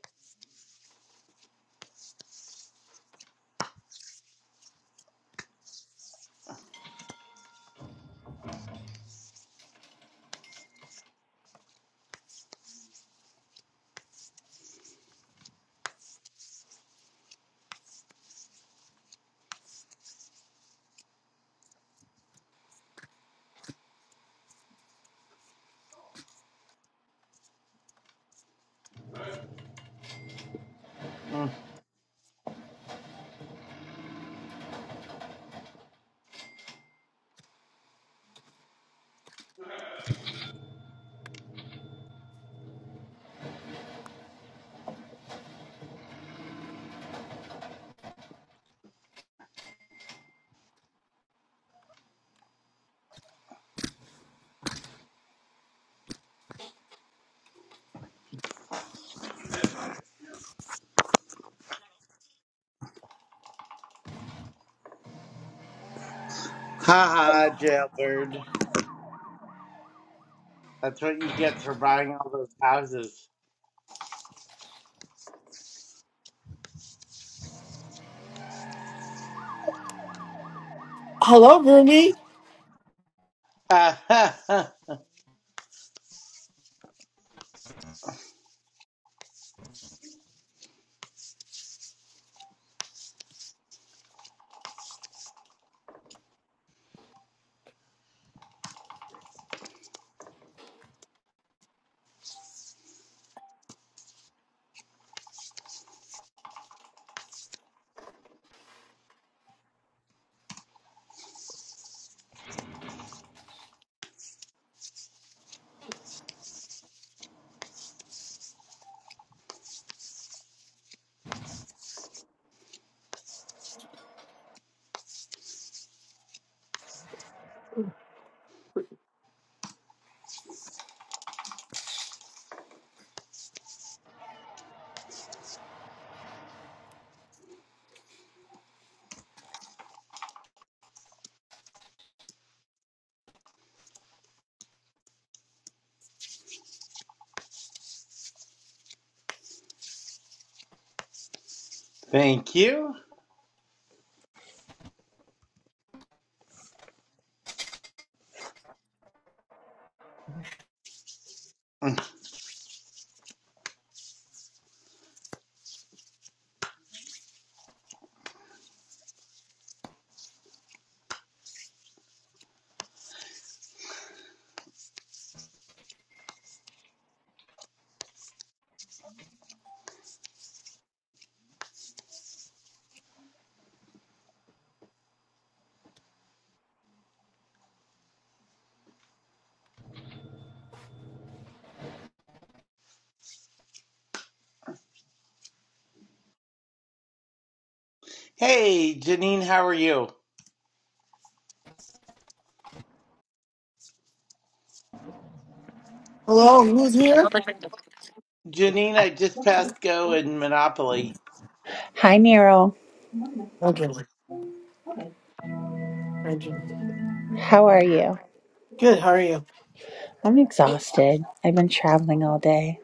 A: Mm. Ha ha, jailbird. That's what you get for buying all those houses.
B: Hello, Bernie.
A: Uh, thank you. Hey, Janine, how are you?
B: Hello, who's here?
A: Janine, I just passed go in Monopoly.
F: Hi, Nero.
B: Okay, thank you.
F: How are you?
B: Good. How are you?
F: I'm exhausted. I've been traveling all day.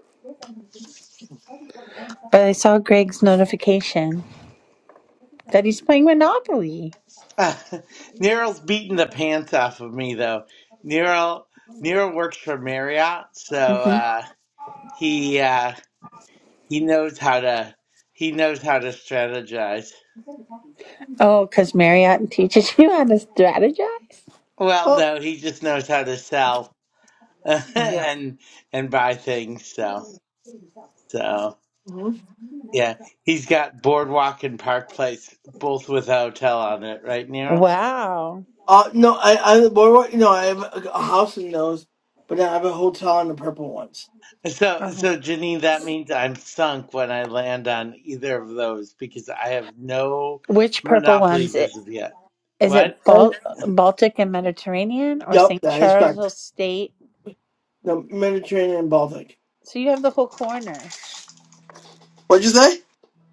F: But I saw Greg's notification that he's playing Monopoly.
A: Uh, Nero's beating the pants off of me, though. Nero, Nero works for Marriott, so
F: hmm
A: uh, he. Uh, He knows how to he knows how to strategize.
F: Oh, because Marriott teaches you how to strategize?
A: Well,
B: Oh,
A: no, he just knows how to sell
B: yeah.
A: and and buy things. So so
B: hmm
A: yeah, he's got Boardwalk and Park Place both with a hotel on it, right, Nero?
F: Wow.
B: Uh, no, I I Boardwalk. No, I have a, a house in those, but I have a hotel in the purple ones.
A: So
F: Oh.
A: so Janine, that means I'm sunk when I land on either of those because I have no
F: Which purple ones?
A: monopolies
F: I-
A: as of yet.
F: Is it
A: What?
F: Bal- Baltic and Mediterranean or
B: Yep,
F: St.
B: that is correct.
F: Charles State?
B: The Mediterranean and Baltic.
F: So you have the whole corner.
B: What'd you say?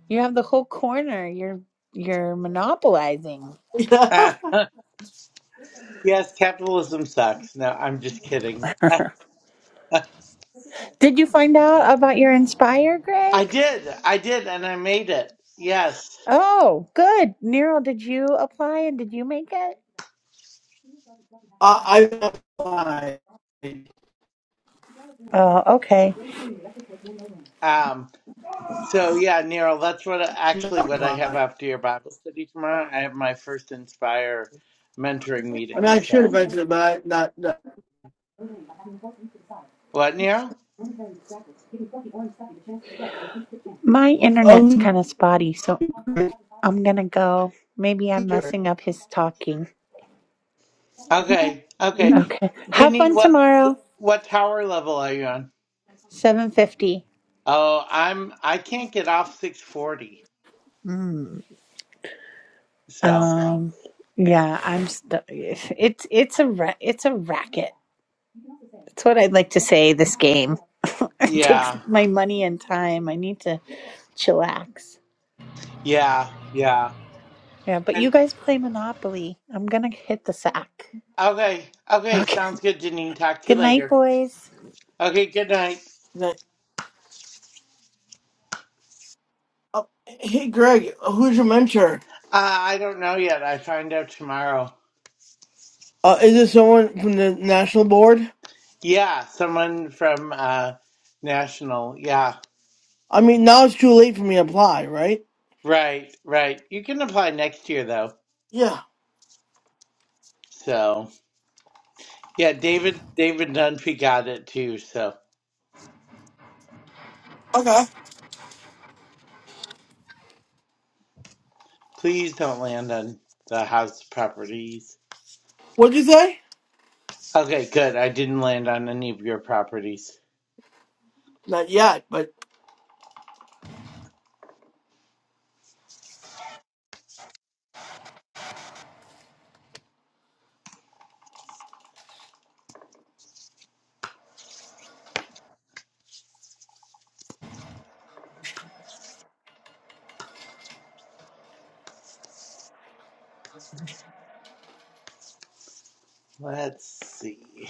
F: You have the whole corner. You're you're monopolizing.
B: Yeah.
A: yes, capitalism sucks. No, I'm just kidding.
F: Did you find out about your Inspire,
A: I
F: Greg?
A: did. I did, and I made it. Yes.
F: Oh, good. Nero, did you apply and did you make it?
B: I, I apply.
F: Oh, okay.
A: Um, so yeah, Nero, that's what I,
B: Not
A: actually what I have
B: apply.
A: after your Bible study tomorrow. I have my first Inspire mentoring
B: I mean,
A: meeting.
B: I should have
A: So
B: mentioned it, but I, not, not.
A: what, Nero?
F: My internet's
B: Oh,
F: kind of spotty, so
B: Greg,
F: I'm gonna go. Maybe I'm
B: Peter.
F: messing up his talking.
B: Who-
A: Okay, okay.
B: who-
F: Okay. Have
A: Janine,
F: fun
A: what
F: tomorrow.
A: what tower level are you on?
F: 7:50.
A: Oh, I'm I can't get off 640.
F: Mm,
A: So
F: um yeah, I'm st- it's it's a ra- it's a racket. That's what I'd like to say this game. it takes
A: yeah,
F: my money and time. I need to chillax.
A: yeah, yeah.
F: Yeah, but you
A: And
F: guys play Monopoly. I'm going to hit the sack.
A: okay, okay,
F: Okay.
A: sounds good, Janine. Talk to you
F: Good night,
A: later.
F: boys.
A: Okay, good night.
B: that- oh, hey, Greg, who's your mentor?
A: Uh, I don't know yet. I find out tomorrow.
B: Uh, is it someone from the national board?
A: Yeah, someone from uh, National. Yeah,
B: I mean, now it's too late for me to apply, right?
A: right, right. You can apply next year though.
B: Yeah.
A: So yeah, David David Dunphy got it too. So
B: Okay.
A: please don't land on the house properties.
B: What'd you say?
A: Okay, good. I didn't land on any of your properties.
B: Not yet, but
A: Let's see.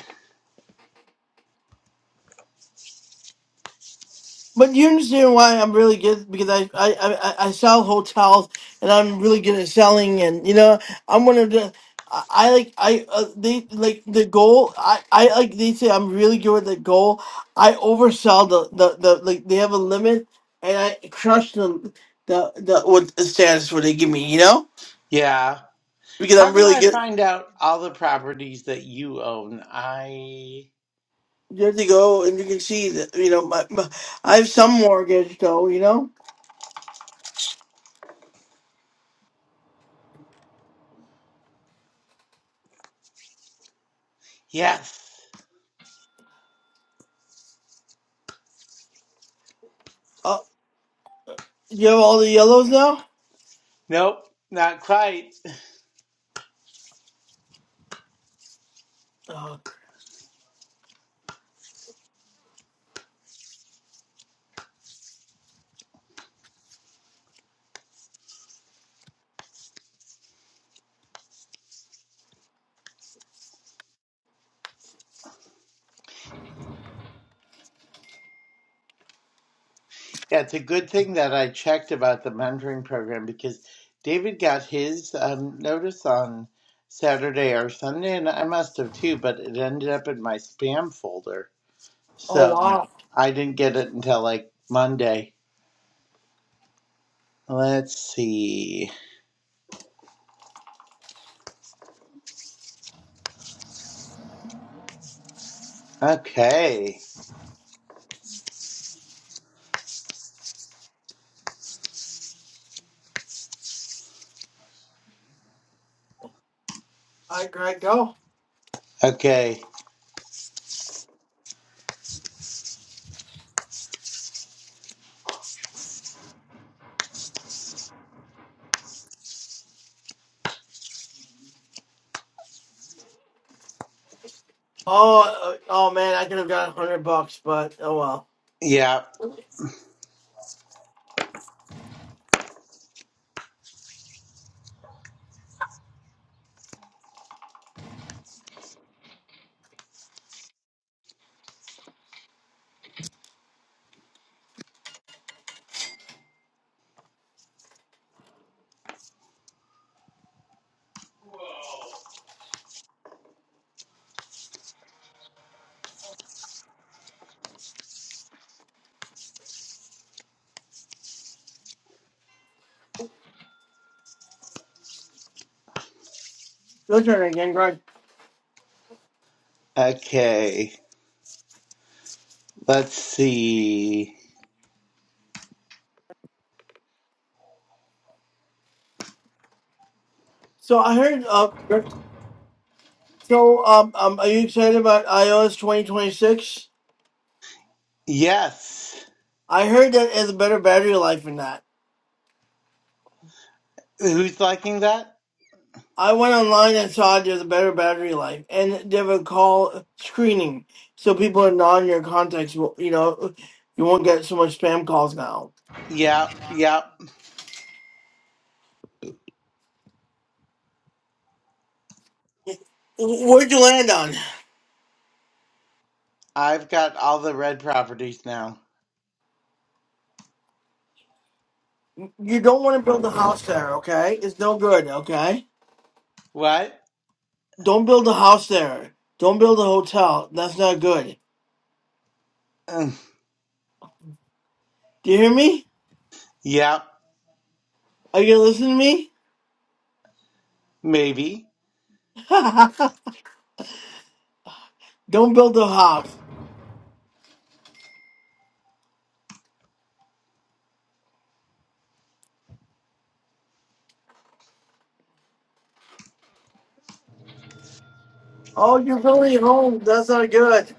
B: But you understand why I'm really good because I I, I, I I sell hotels and I'm really good at selling and you know I'm one of the I, I like I uh, they like the goal I, I like they say I'm really good with the goal I oversell the, the, the like they have a limit and I crush the the the what the status what they give me you know
A: Yeah.
B: because
A: How
B: I'm
A: do
B: really
A: I
B: good
A: find out all the properties that you own? I
B: good to go and you can see that you know my, my I have some mortgage though you know
A: yes.
B: uh, you have all the yellows now
A: Nope, not quite.
B: oh,
A: Yeah, it's a good thing that I checked about the mentoring program because David got his um, notice on Saturday or Sunday, and I must have too, but it ended up in my spam folder.
B: oh wow.
A: So I didn't get it until like Monday. Let's see. Okay.
B: Hi, Greg. Go.
A: Okay.
B: Oh, uh, oh man, I could have got a hundred bucks, but oh well.
A: Yeah.
B: Your turn again, Greg.
A: Okay. Let's see.
B: So I heard. Uh, Greg, so um, um, are you excited about iOS twenty twenty six?
A: Yes.
B: I heard that there's a better battery life in that.
A: Who's liking that?
B: I went online and saw there's a better battery life, and they have a call screening, so people are not in your contacts. will- You know, you won't get so much spam calls now.
A: Yeah. Yeah.
B: Wh- Where'd you land on?
A: I've got all the red properties now.
B: You don't want to build a house there, okay? It's no good, okay?
A: What?
B: Don't build a house there. Don't build a hotel. That's not good.
A: Mm,
B: Do you hear me?
A: Yeah,
B: Are you listening to me?
A: maybe.
B: Don't build a house. Oh, you're building a home. That's not good.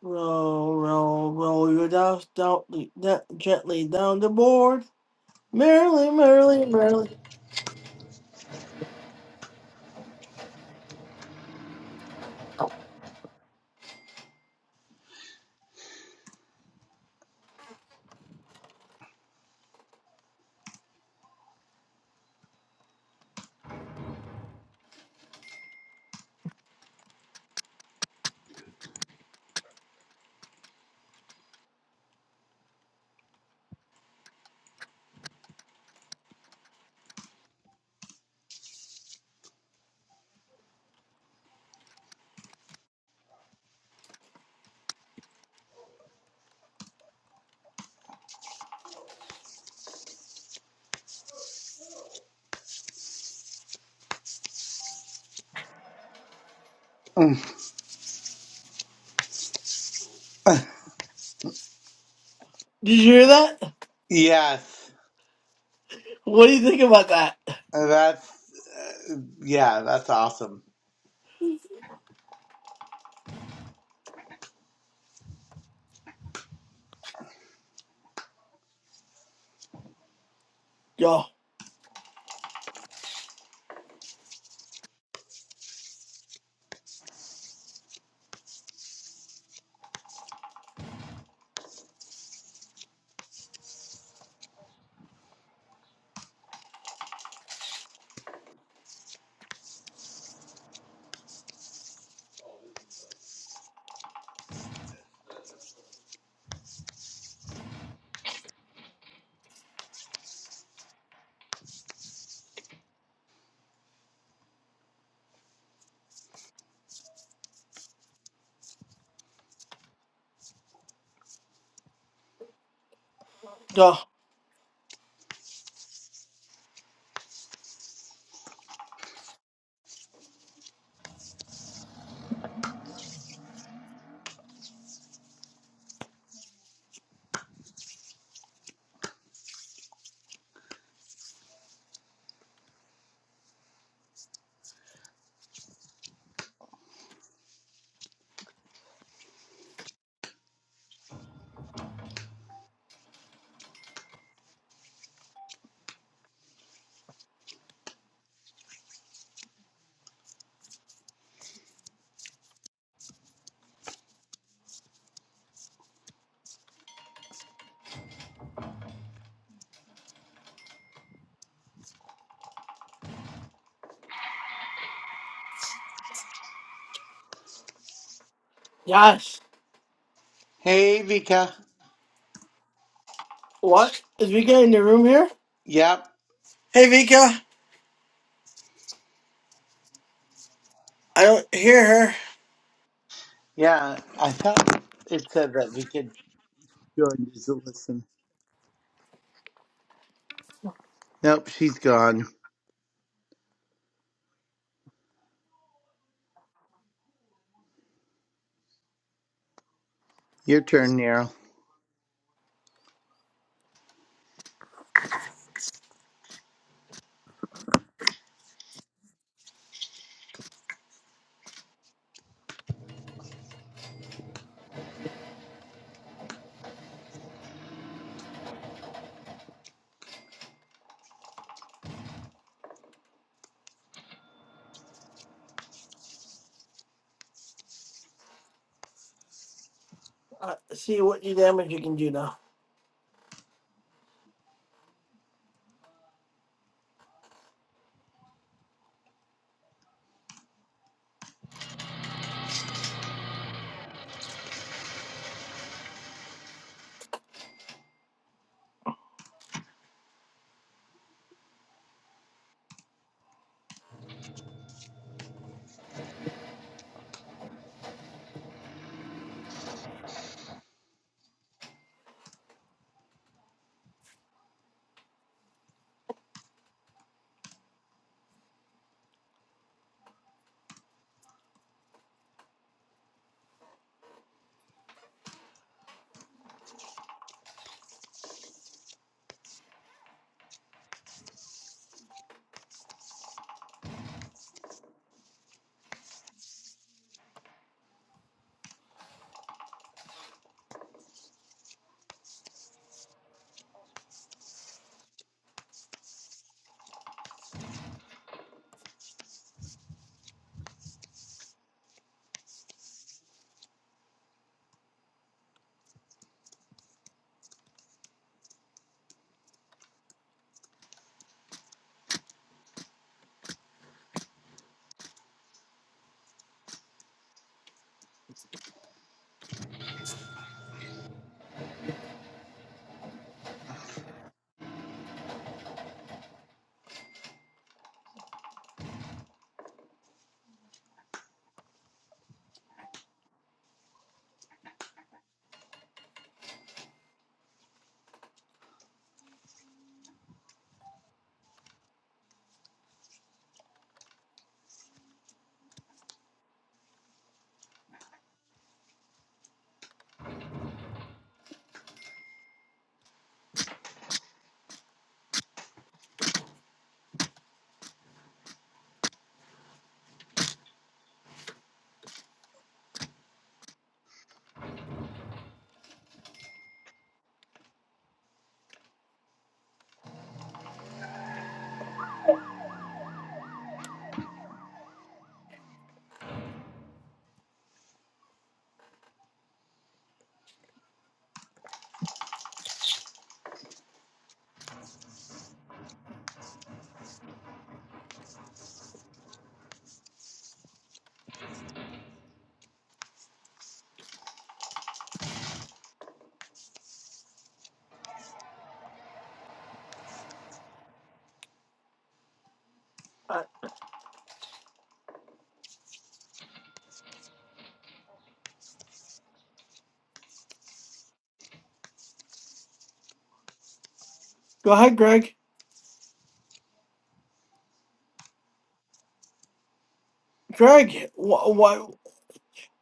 B: Roll, roll, roll your dice down, gently down the board. Merrily, merrily, merrily.
A: Mm,
B: Did you hear that?
A: Yes,
B: What do you think about that?
A: Uh, that's uh, yeah, that's awesome.
B: Yo, yo, yes.
A: Hey, Vika.
B: What? Is Vika in the room here?
A: Yep.
B: Hey, Vika. I don't hear her.
A: Yeah, I thought it said that we could join as a listen. Nope, she's gone. Your turn, Nero.
B: Uh, see what you damage you can do now. Uh, go ahead, Greg. Greg, wh- why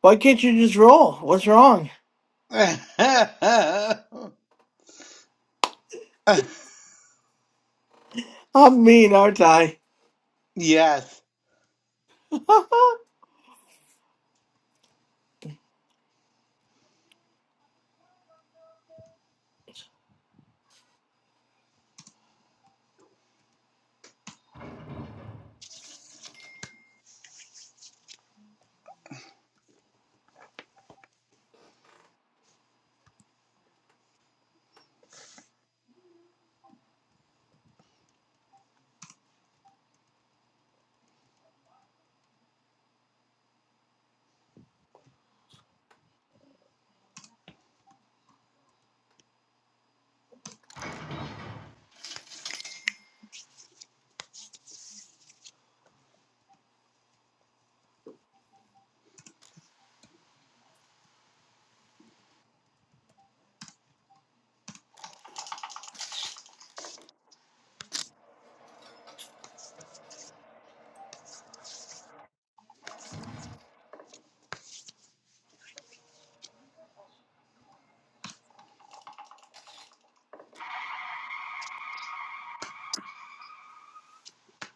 B: why can't you just roll? What's wrong? I'm mean, aren't I?
A: yes.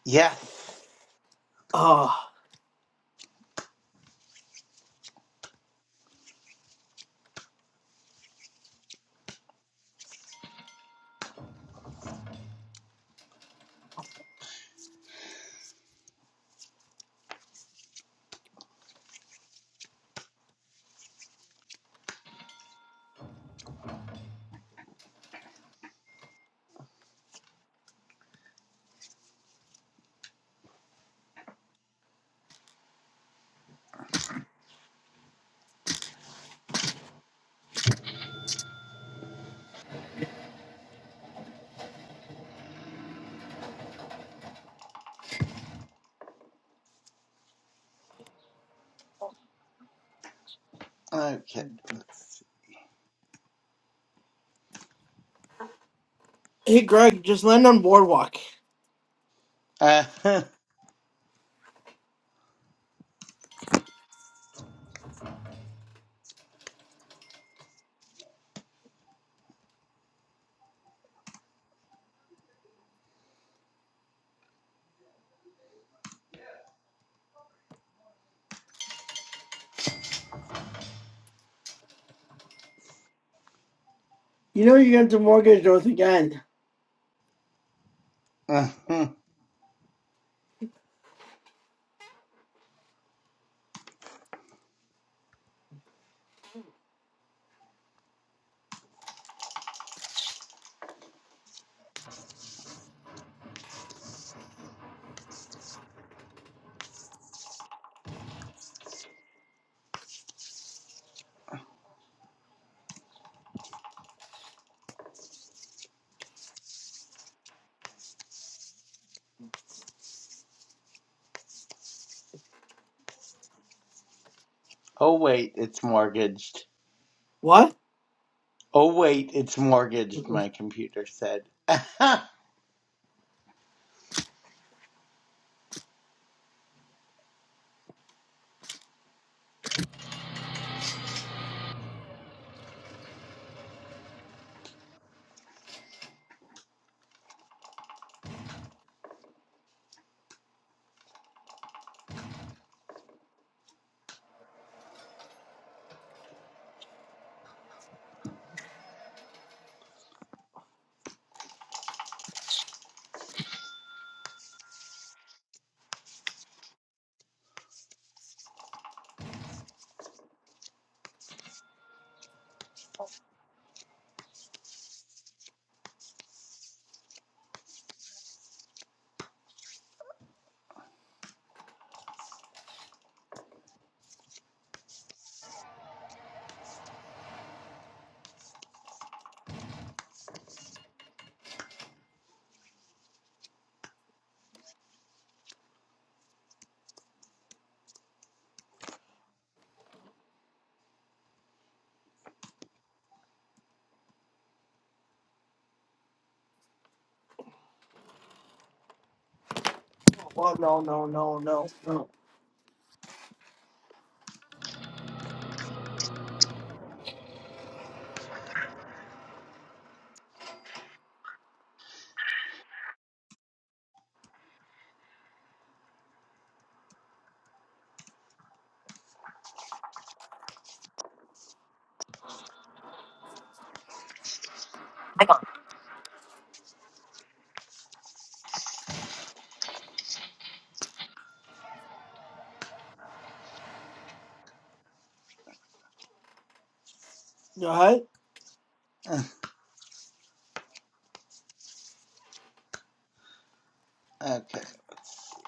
A: Yes.
B: oh.
A: Okay. let's see.
B: Hey, Greg, just land on Boardwalk.
A: Uh,
B: You know you're going to mortgage those again.
A: oh wait, it's mortgaged.
B: What?
A: Oh wait, it's mortgaged. My computer said.
B: Oh no, no, no, no, no. Go ahead.
A: Okay. let's see.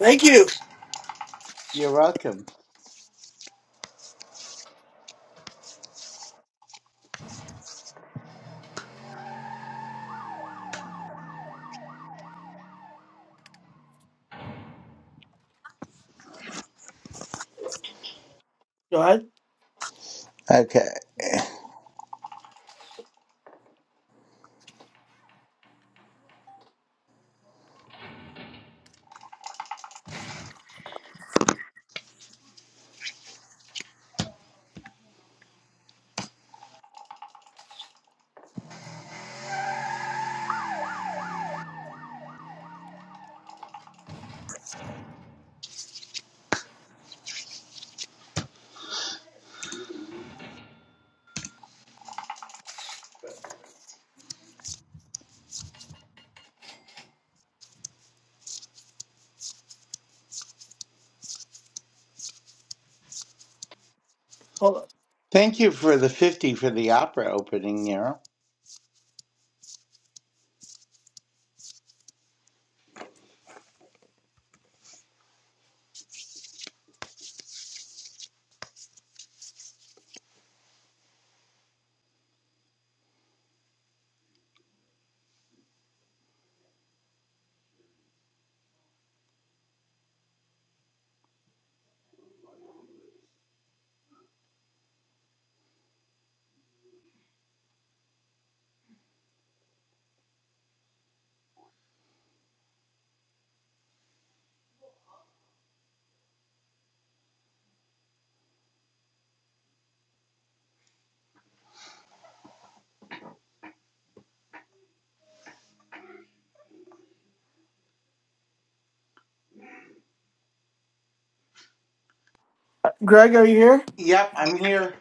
B: Thank you.
A: You're welcome.
B: Go ahead.
A: Okay.
B: Hold on.
A: Thank you for the 50 for the opera opening, Nero.
B: Greg, are you here?
A: Yep, I'm here.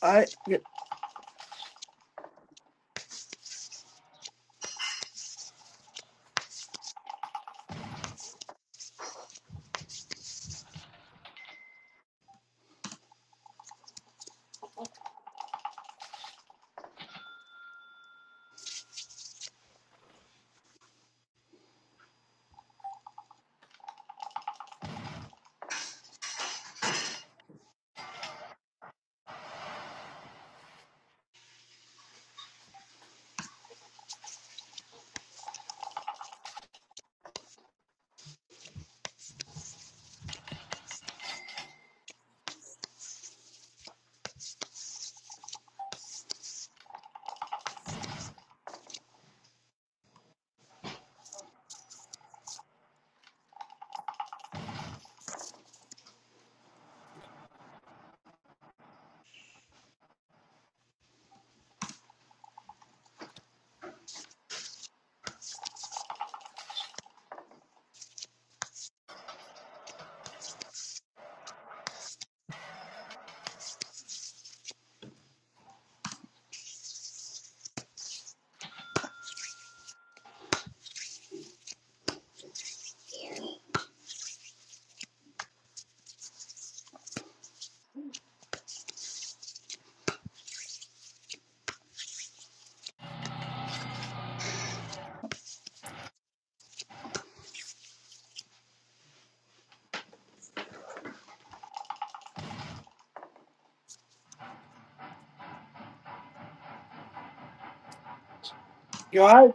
B: I. Go ahead.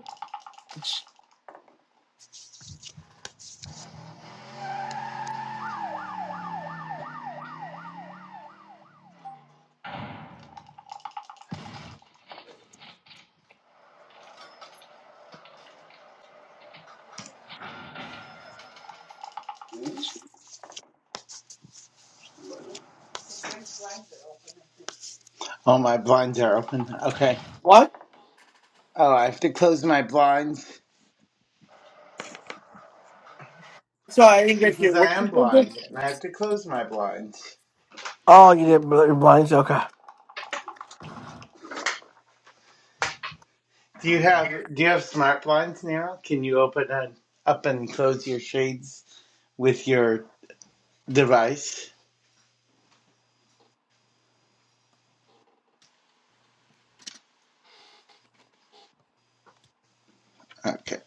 A: Oh, my blinds are open. Okay.
B: What?
A: Oh, I have to close my blinds
B: Sorry, I didn't get
A: because
B: you.
A: I
B: What you
A: am
B: said?
A: blind and I have to close my blinds.
B: Oh, you didn't blow your blinds. Okay.
A: Do you have do you have smart blinds, Nero? Can you open it up and close your shades with your device? Okay.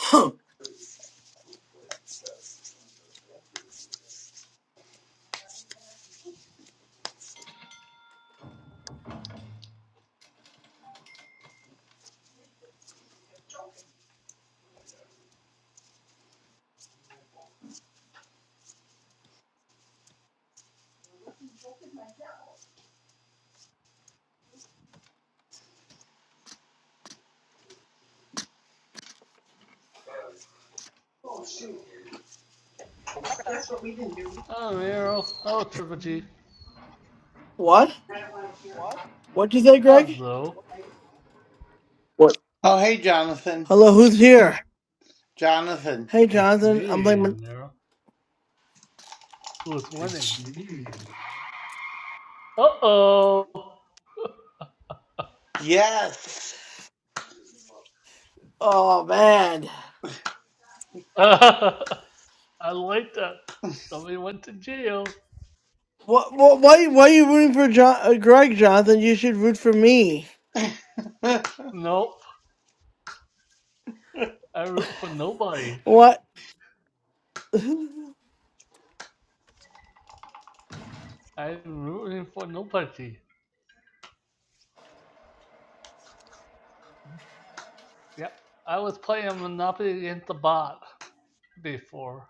G: I'm Errol. Hello, Triple G.
B: what? What'd you say, Greg?
G: Hello,
B: What?
A: Oh, hey, Jonathan.
B: Hello, who's here?
A: Jonathan.
B: Hey,
G: it's
B: Jonathan. I'm
G: me,
B: like.
G: Errol. Who is winning? Uh oh.
A: Yes.
B: Oh man,
G: I like that. Somebody went to jail.
B: what, what, why, why are you rooting for John, uh, Greg, Jonathan? You should root for me.
G: Nope. I root for nobody.
B: What?
G: I'm rooting for nobody. Yep. I was playing Monopoly against the bot before,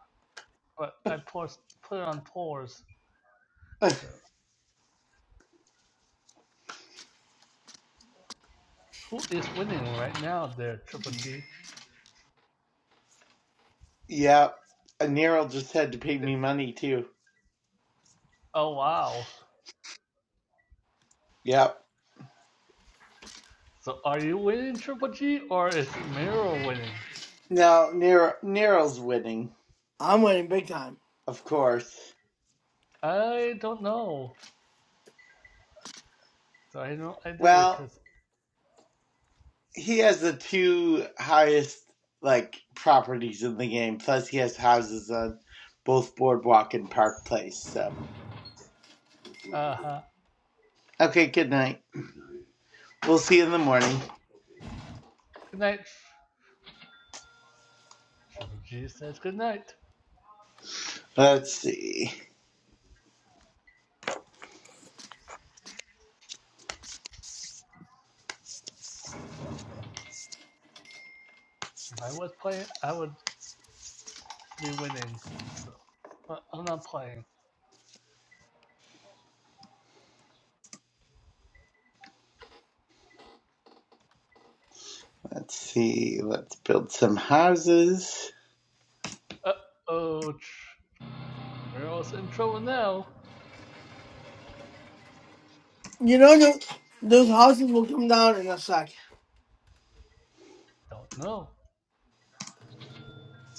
G: but I paused, put it on pause. So, who is winning right now there, Triple G?
A: Yeah, and Nero just had to pay
G: It,
A: me money too.
G: oh, wow.
A: Yep.
G: So are you winning Triple G or is Miro winning?
A: Now Nero Nero's winning,
B: I'm winning big time.
A: of course.
G: I don't know. So I have no idea
A: Well,
G: because
A: he has the two highest like properties in the game. Plus, he has houses on both Boardwalk and Park Place. So,
G: uh huh.
A: okay, good night. We'll see you in the morning.
G: Good night. Triple G says good night.
A: Let's see.
G: If I was playing, I would be winning. So but I'm not playing.
A: Let's see. Let's build some houses.
G: Uh oh, Miro's in trouble now.
B: You know those, those houses will come down in a sec.
G: Don't know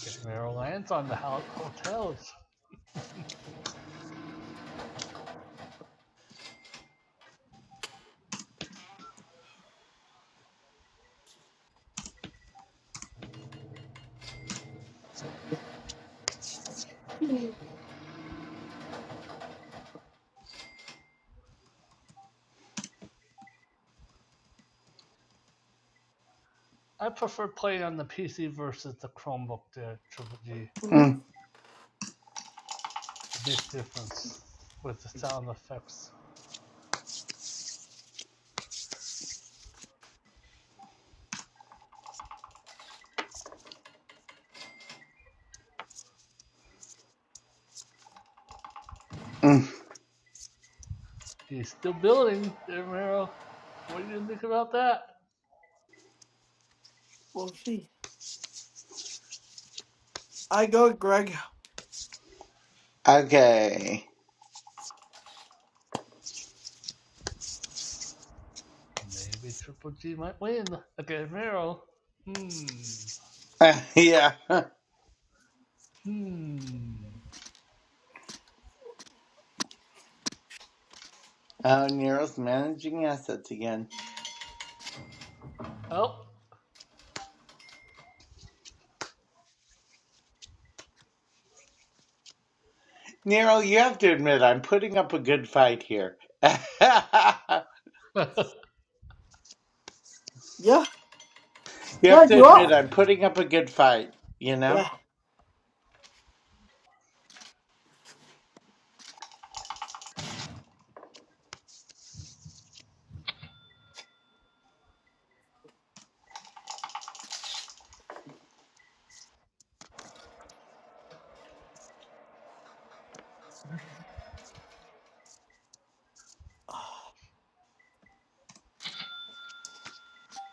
G: if Miro lands on the ho- hotels. I prefer playing on the PC versus the Chromebook. There, Triple G.
B: hmm
A: Mm,
G: It's a big difference with the sound effects.
A: mm.
G: He's still building there, Mero. What do you think about that?
B: We'll see. I go, with Greg.
A: Okay.
G: Maybe Triple G might win. Okay, Mero. Hmm.
A: yeah.
G: Hmm.
A: Oh, Nero's managing assets again.
G: Oh,
A: Nero, you have to admit I'm putting up a good fight here. you
B: Yeah, yeah,
A: have to
B: you
G: wow.
A: admit
B: are.
A: I'm putting up a good fight, you know?
B: Yeah.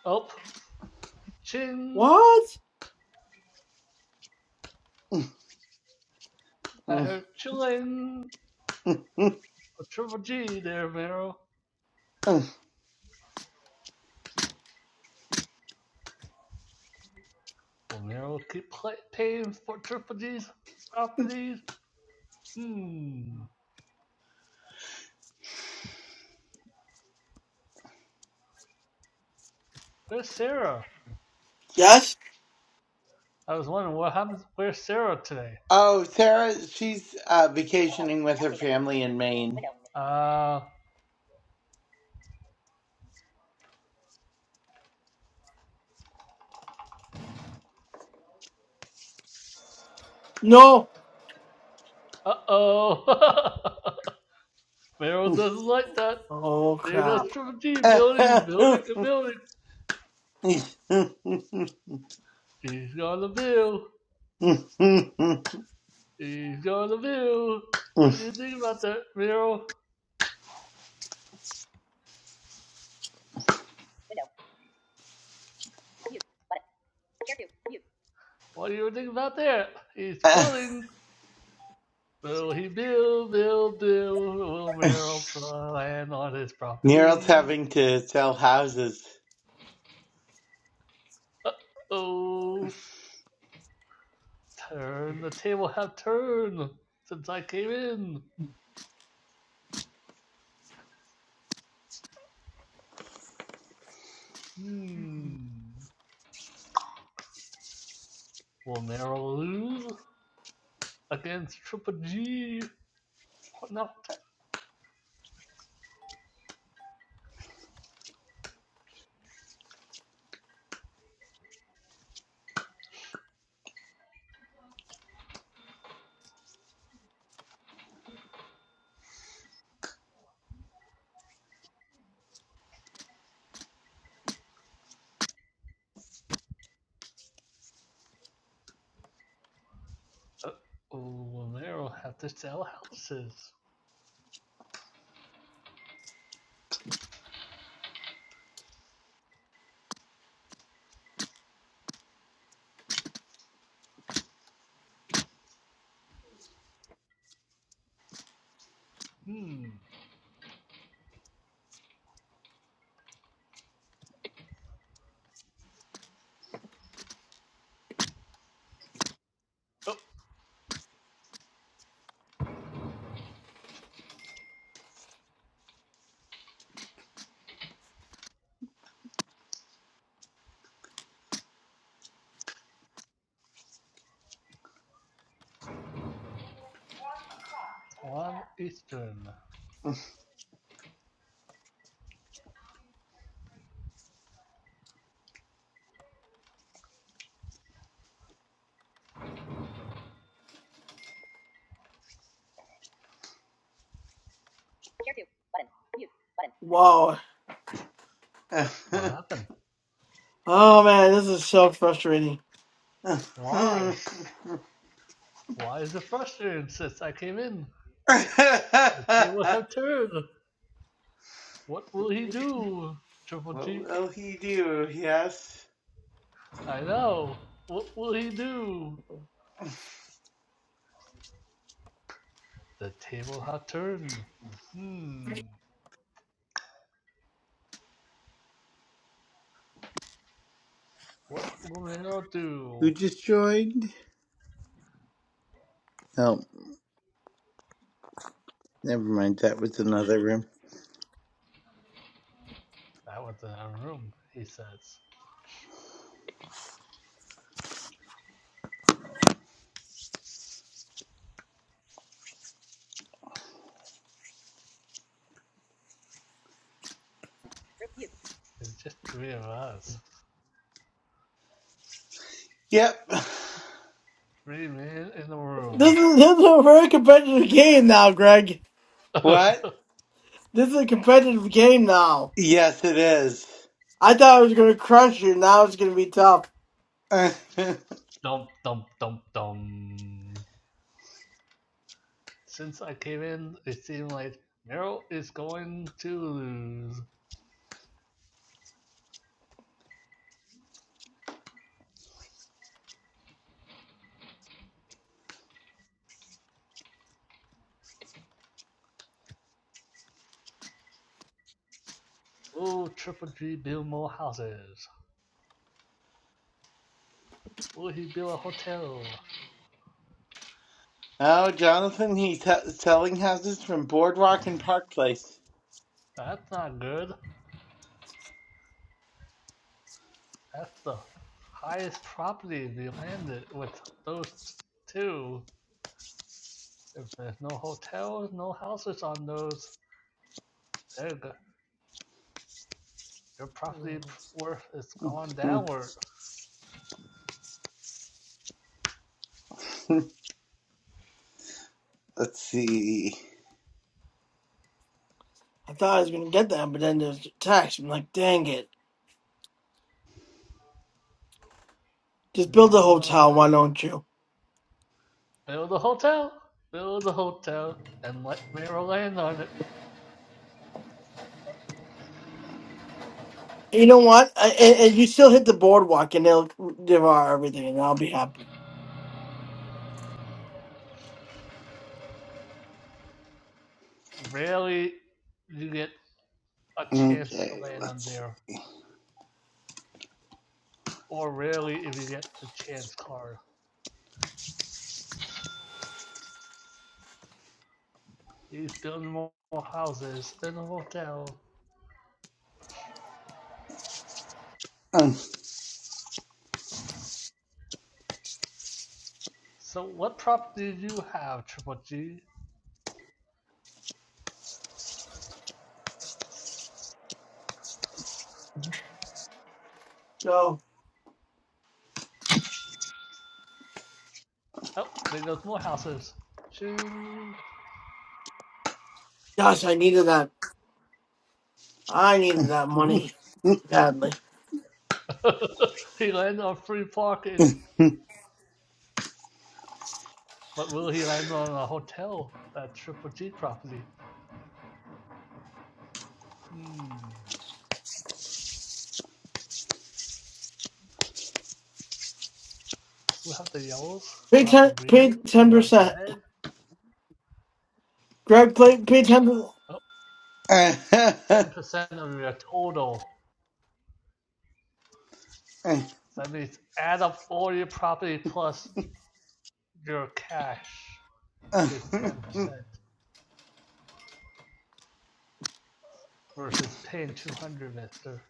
G: Oh, ching.
B: What?
G: I
A: Mm,
G: heard chilling for Triple G there, Mero.
A: mm.
G: Will Mero keep play- paying for Triple G's properties? Hmm. Where's Sarah?
B: Yes.
G: I was wondering what happens. Where's Sarah today?
A: Oh, Sarah, she's uh, vacationing with her family in Maine.
G: Uh.
B: No.
G: Uh oh. Meryl doesn't like that.
B: Oh
G: There goes
B: crap.
G: Triple G building, building, and building. He's gonna build. He's gonna build. What do you think about that, Miro? What do you think about that? He's building. Will he build, build, build? Will Miro land on his
A: Nero's
G: property?
A: having to sell houses.
G: Oh, turn the table have turned since I came in. Hmm. Will Miro lose against Triple G? What now? Uh, oh, well, they'll have to sell houses. Hmm. Oh, one Eastern.
B: Wow.
G: What
A: what
G: happened?
B: Oh man, this is so frustrating.
G: Why? Why is it frustrating since I came in? The tables have turned. What will he do? Triple G.
A: will he do? Yes?
G: I know. What will he do? The table have turned. Hmm. What will Nero
A: Who
G: do?
A: just joined? Oh. Never mind, that was another room.
G: That was in our room, he says. It's just three of us.
A: Yep.
G: Three men in the room.
B: This is this is a very competitive game now, Greg.
A: What?
B: This is a competitive game now.
A: Yes, it is.
B: I thought I was gonna crush you. Now it's gonna be tough.
A: oh,
G: Dum dum dum dum. Since I came in, it seemed like Meryl is going to lose. Will Triple G build more houses? Will he build a hotel?
A: Jonathan, he's t- selling houses from Boardwalk and Park Place.
G: That's not good. That's the highest property we landed with those t- two. If there's no hotels, no houses on those, there you go. your property worth is gone
A: Hmm,
G: downward.
A: Let's see.
B: I thought I was gonna get that, but then there's a I'm like, dang it. Just build a
G: Uh,
B: hotel. Why don't you?
G: build a hotel, build a hotel, and let Mero land on it.
B: You know what? I, and, and you still hit the boardwalk, and they'll devour everything, and I'll be happy.
G: Rarely you get a chance to
A: Okay,
G: land on
A: let's.
G: there, or rarely if you get the chance card. He's building more, more houses and a hotel.
A: see.
G: So what property do you have, Triple G?
B: So,
G: Oh, there goes more houses. Ching.
B: gosh, I needed that. I needed that money badly.
G: he landed on free parking, but will he land on a hotel? That Triple G property. Hmm. who have the yellows, who
B: Pay
G: have the
B: ten. Pay
G: green, who
B: ten
G: have the
B: percent.
G: red.
B: Greg, play, pay ten. per-
G: Oh, ten percent of your total. So that means add up all your property plus your cash is 10% versus paying 200 mister.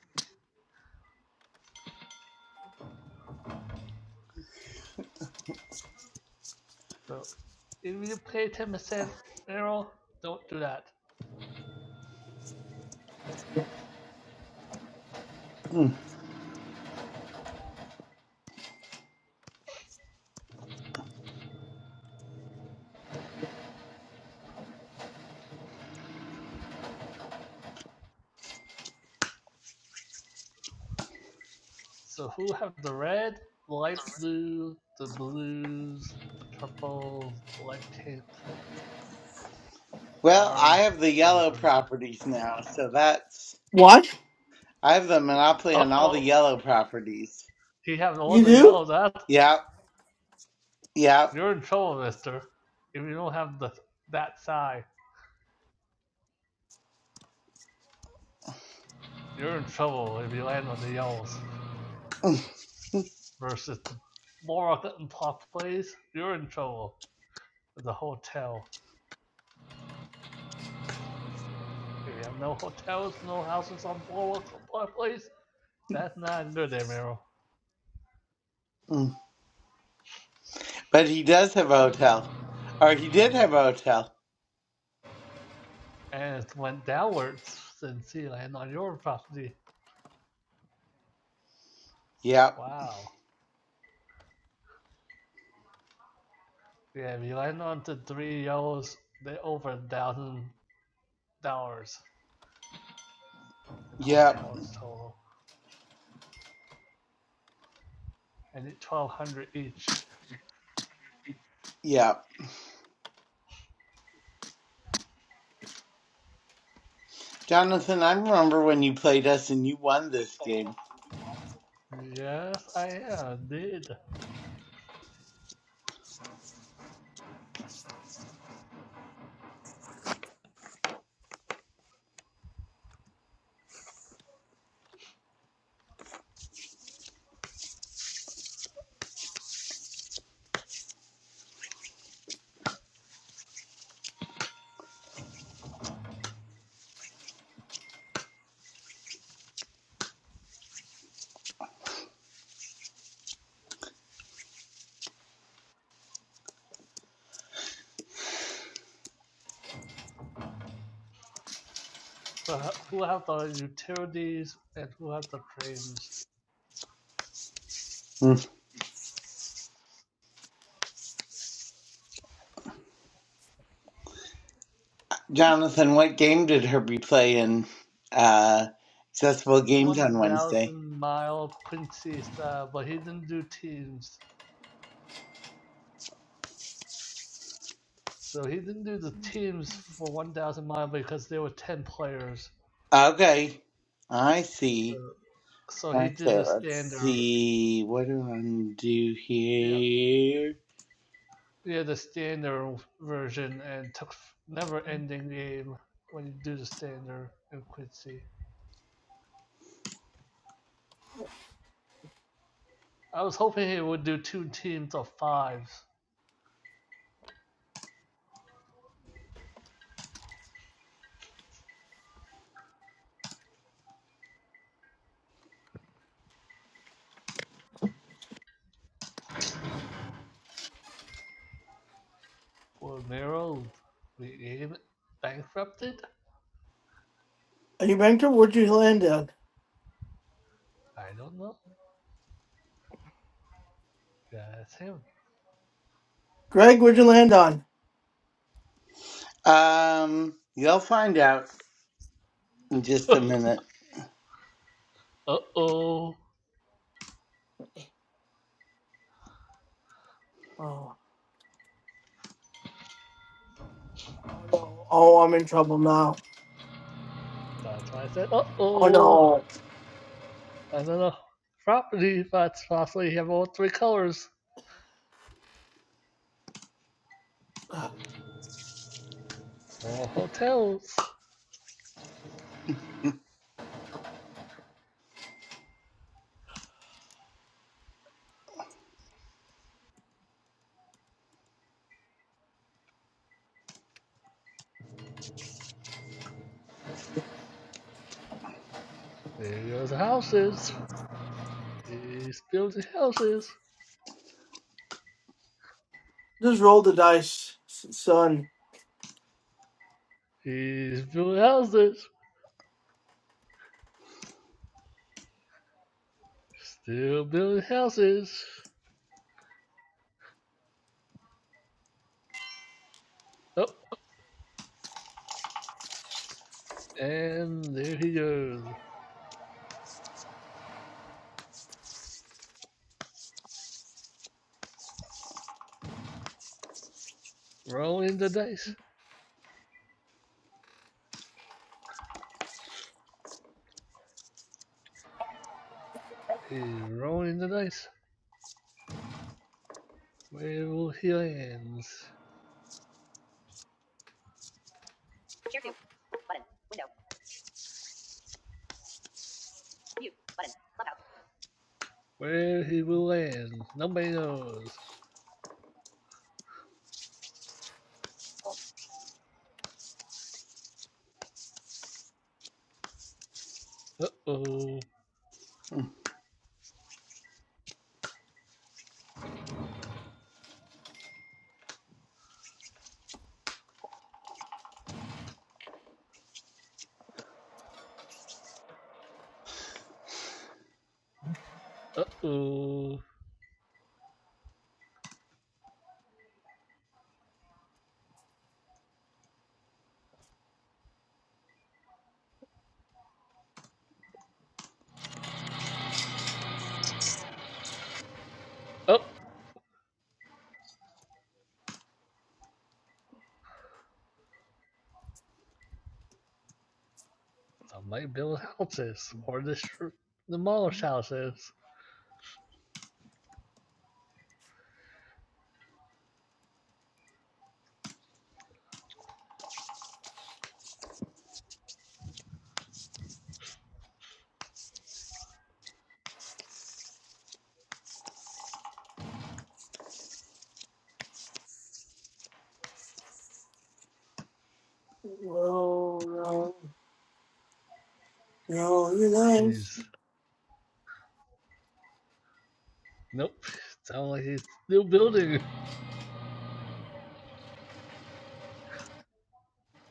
G: So if you pay 10%, Errol, don't do that. So who have the red, the light blue, the blues, the purple, the light pink, the
A: well, I
G: orange,
A: have the
G: and the
A: yellow
G: green.
A: properties now, so that's.
B: What?
A: I have the monopoly
G: Uh
A: on all the
G: oh,
A: yellow properties.
G: he have all
B: You
G: the
B: do?
G: yellows. That's
A: Yep, yep.
G: You're in trouble, mister. If you don't have the, that side, you're in trouble if you land on the yells. Versus the Laura and Pop plays, you're in trouble with the hotel. If you have no hotels, no houses on Laura Clark Place, that's not good, Emerald.
A: Mm. But he does have a hotel. Or he did have a hotel.
G: And it went downwards since he landed on your property.
A: Yep,
G: Wow. Yeah, if you land on the three yellows, they over a thousand dollars in
A: yep,
G: hotels total. And it's twelve hundred each
A: yep. Jonathan, I remember when you played us and you won this game.
G: Yes, I am indeed. Who ha- who have the utilities and who have the trains?
A: Mm. Jonathan, what game did Herbie play in uh, Accessible Games
G: One
A: on Wednesday?
G: thousand mile Quincy style, but he didn't do teams. So he didn't do the teams for one thousand mile because there were ten players.
A: Okay, I
G: So
A: see.
G: so he did
A: Okay,
G: the
A: let's
G: standard.
A: see. What do I wanna do
G: Yeah,
A: here?
G: yeah, the standard version and took f- never-ending game when you do the standard in Quincy. I was hoping he would do two teams of fives. Were Merrill Reed bankrupted?
B: Are you bankrupt? Where'd you land on?
G: I don't know. That's him.
B: Greg, where'd you land on?
A: Um, you'll find out in just a minute.
G: Uh oh.
B: Oh, oh, I'm in trouble now.
G: That's why I said uh oh.
B: Oh
G: Another property that's possibly have all three colors.
B: no.
G: More hotels. There goes houses. He's building houses.
B: Just roll the dice, s- son.
G: He's building houses. Still building houses. Oh, and there he goes. Rolling the dice. He's rolling the dice. Where will he land? Where he will land? Nobody knows. Uh oh. Uh oh. Oh! Somebody build houses or destroy the demolish houses.
B: Roll, roll, roll your dice.
G: He's nope. Sounds like he's still building.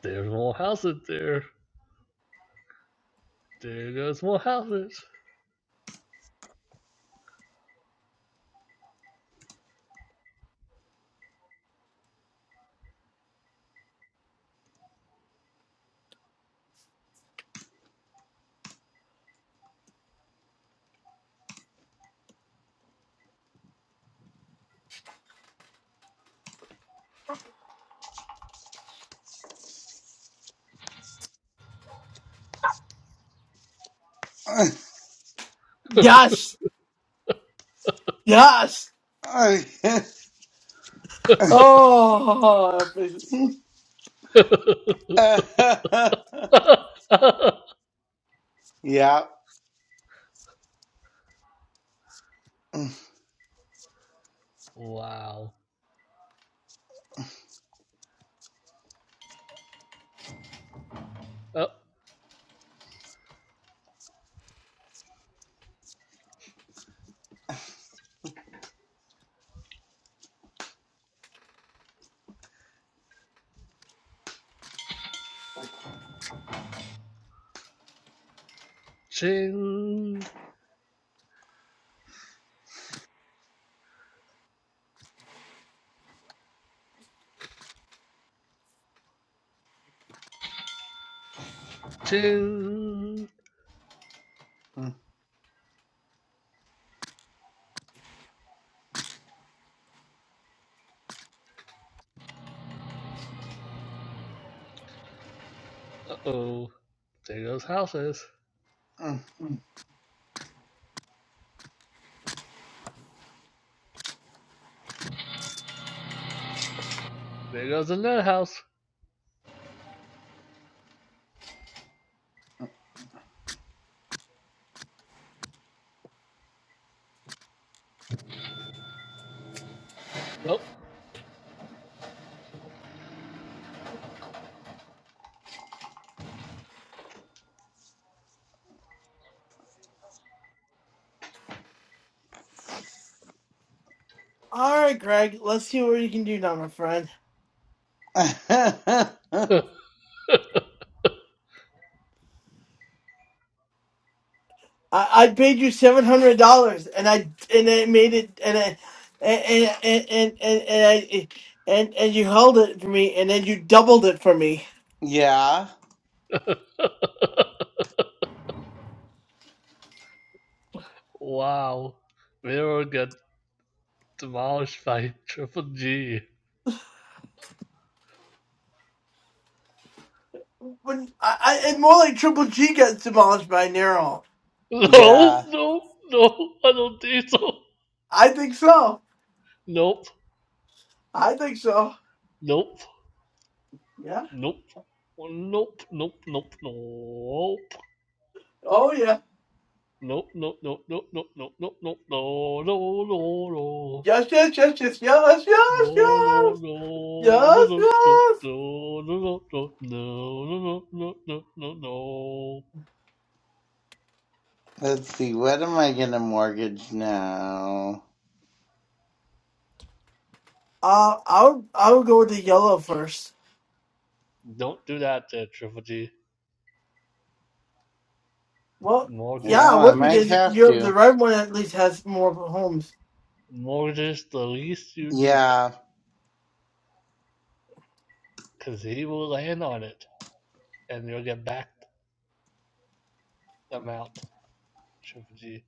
G: There's more houses there. There goes more houses.
B: Yes, yes. Oh,
A: yeah.
G: wow. Oh, ching, ching. Uh oh. There goes houses. There goes another house. Oh,
B: all right, Greg. Let's see what you can do now, my friend. I, I paid you seven hundred dollars, and I and it made it, and I and and and and, and I. And, and you held it for me, and then you doubled it for me.
A: Yeah,
G: wow. Mirror will get demolished by Triple G.
B: When I, I, and more like Triple G gets demolished by Nero.
G: No,
A: yeah.
G: no, no, I don't think so.
B: I think so.
G: Nope,
B: I think so.
G: nope,
B: Yeah.
G: nope, nope, nope, nope, nope, nope,
B: Oh yeah.
G: nope, nope, nope, nope, nope, nope, nope,
B: Yes, yes, yes, yes, yes, yes,
G: Nope. Nope.
B: yes,
G: no, no, no,
B: yes,
G: no. No, no,
B: yes.
G: no, no, no, no, no, no, no, no, no, no, no, no, no, no, no.
A: Let's see, what am I gonna mortgage now?
B: Uh, I would, I would go with the yellow first.
G: Don't do that, uh, Triple G.
B: Well,
G: Mortgage
B: yeah, I
A: Well,
G: the
A: I
B: would
A: might
B: because
G: least,
A: have
B: you're, the
A: to.
B: red one at least has more homes.
G: mortgage the least you did,
A: Yeah.
G: 'cause he will land on it, and you'll get back the amount. Triple G,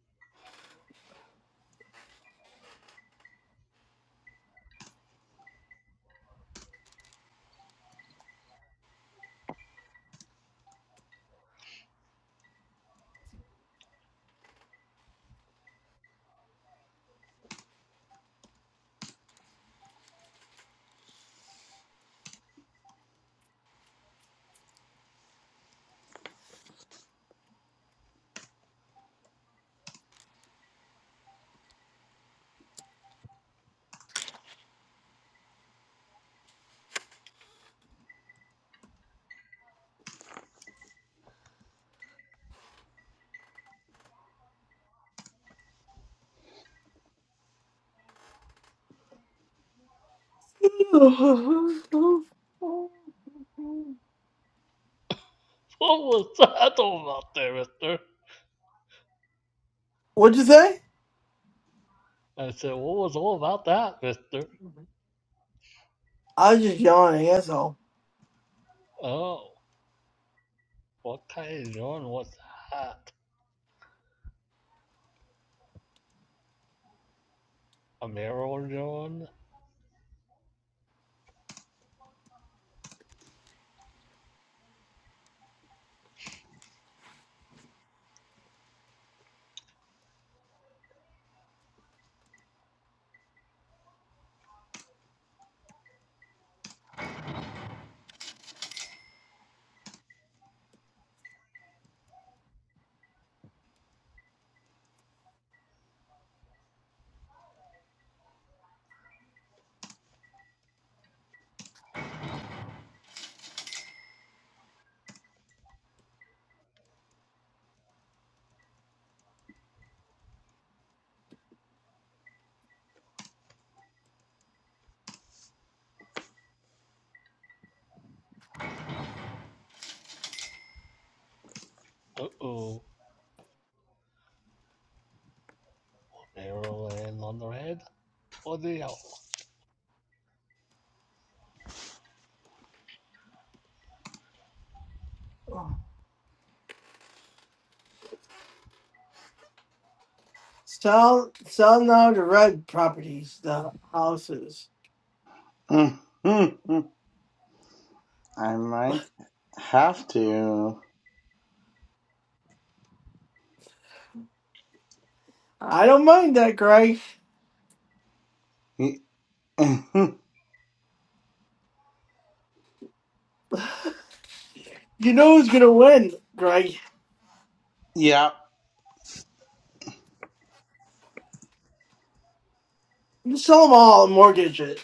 G: what was that all about there, Mister?
B: What'd you say?
G: I said, what was all about that, Mister?
B: I was just yawning, that's all.
G: Oh, what kind of John was that? A Merrill John? Uh oh, Merrill land on the red. What the hell?
B: Sell, sell now the red properties, the houses.
A: Mm, mm, mm. I might have to.
B: I don't mind that, Greg.
A: Y-
B: You know who's gonna win, Greg.
A: Yep.
B: You sell them all and mortgage it.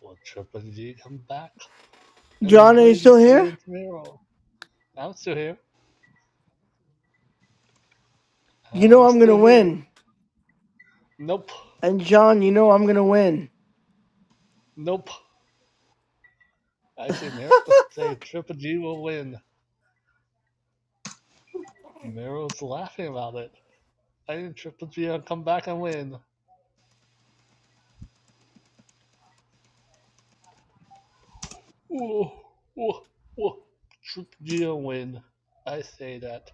G: Will Triple G come back and
B: John, are you
G: win
B: still here?
G: against Merrill? I'm still here.
B: You know
G: I'm
B: I'm gonna
G: still here.
B: win.
G: Nope.
B: And John, you know I'm gonna win.
G: Nope. I say, Mer- say Triple G will win. Meryl's laughing about it. I think Triple G will come back and win. Whoa, whoa, whoa. Triple G will win. I say that.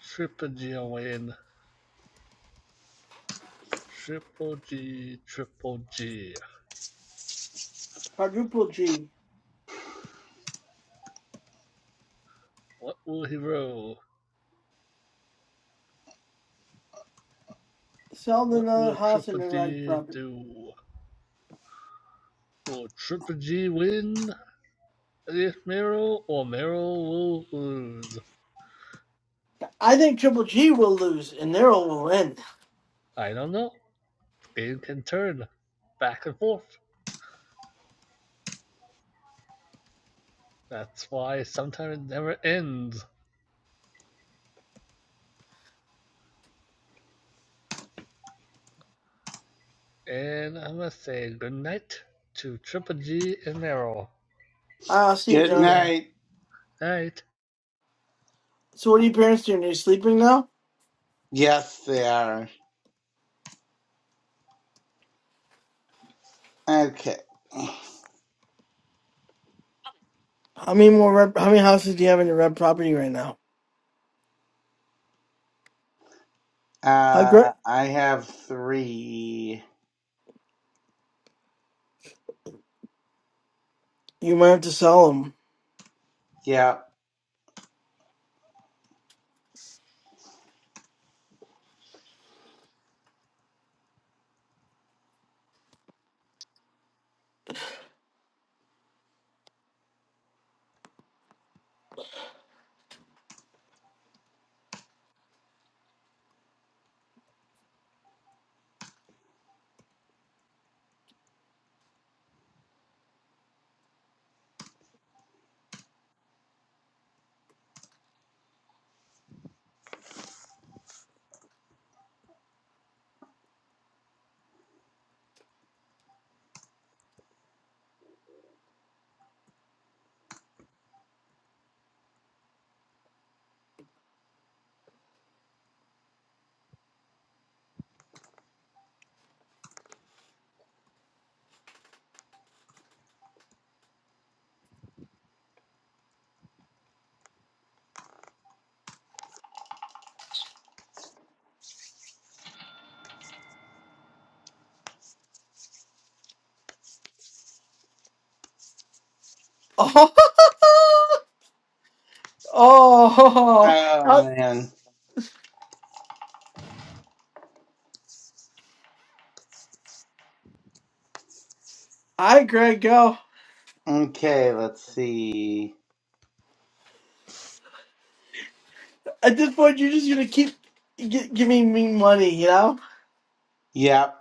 G: Triple G will win. Triple G, Triple G.
B: Quadruple G.
G: What will he roll?
B: Sell
G: What
B: another
G: will
B: house
G: Triple
B: and then ride
G: G
B: property.
G: do? Will Triple G win against Meryl, or Meryl will lose?
B: I think Triple G will lose and Nero will win.
G: I don't know. The game can turn back and forth. That's why sometimes it never ends. And I'm gonna say goodnight to Triple G and Meryl.
B: Ah, I see,
A: Good
G: See
B: John.
G: ya.
A: night.
G: Night.
B: So what are your parents doing? Are you sleeping now?
A: Yes, they are. Okay.
B: How many more red, how many houses do you have in your red property right now? How
A: Uh,
B: great!
A: I have three.
B: You might have to sell them.
A: Yep.
B: Oh,
A: Oh,
B: oh,
A: man.
B: hi, Greg. Go.
A: Okay, let's see.
B: At this point, you're just gonna keep gi- giving me money, you know?
A: Yep.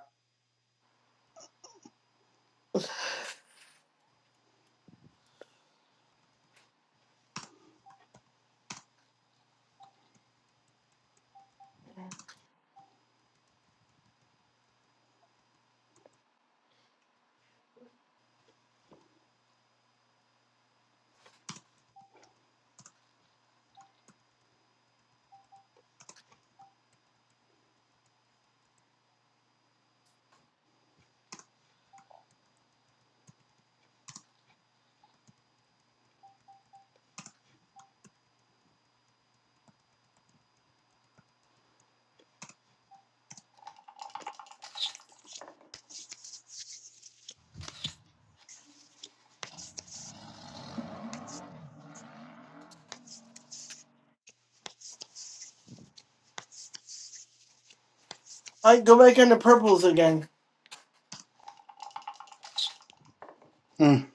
B: I go back into purples again.
A: Mm.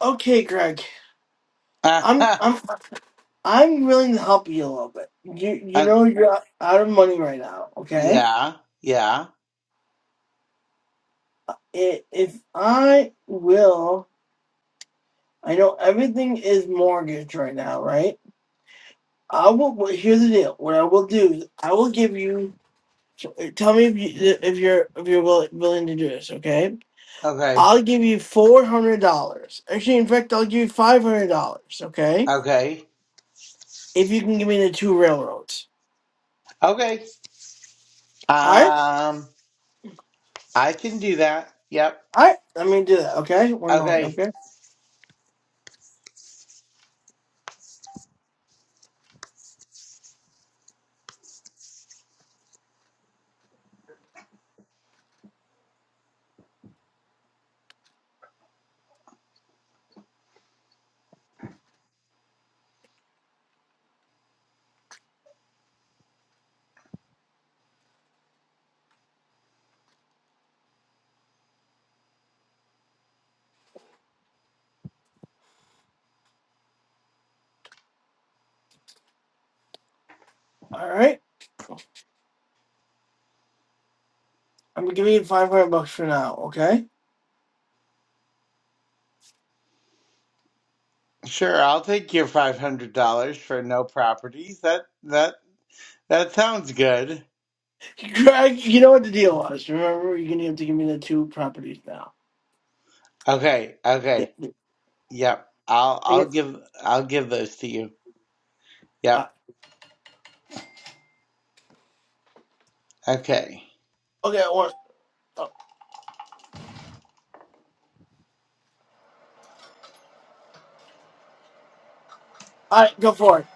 B: Okay, Greg. I'm I'm I'm willing to help you a little bit. You you
A: Uh,
B: know you're out of money right now, okay?
A: yeah, yeah.
B: I- If I will, I know everything is mortgage right now, right? I will. well, Here's the deal. What I will do is I will give you. Tell me if you if you're if you're willing willing to do this, okay?
A: Okay.
B: I'll give you four hundred dollars. Actually, in fact, I'll give you five hundred dollars, okay?
A: Okay.
B: If you can give me the two railroads.
A: Okay.
B: All right.
A: Um, I can do that. Yep.
B: All right, let me do that. Okay, one moment.
A: Okay.
B: Okay, all right. I'm giving you 500 bucks for now. Okay,
A: Sure. I'll take your five hundred dollars for no properties. That that that sounds good.
B: Greg, you know what the deal was. Remember, you're gonna have to give me the two properties now.
A: Okay.
B: The-
A: Okay.
B: the-
A: Yep. I'll I'll
B: Okay,
A: give I'll give those to you.
B: uh,
A: Yep. Okay.
B: okay, one. oh, all right, go for it.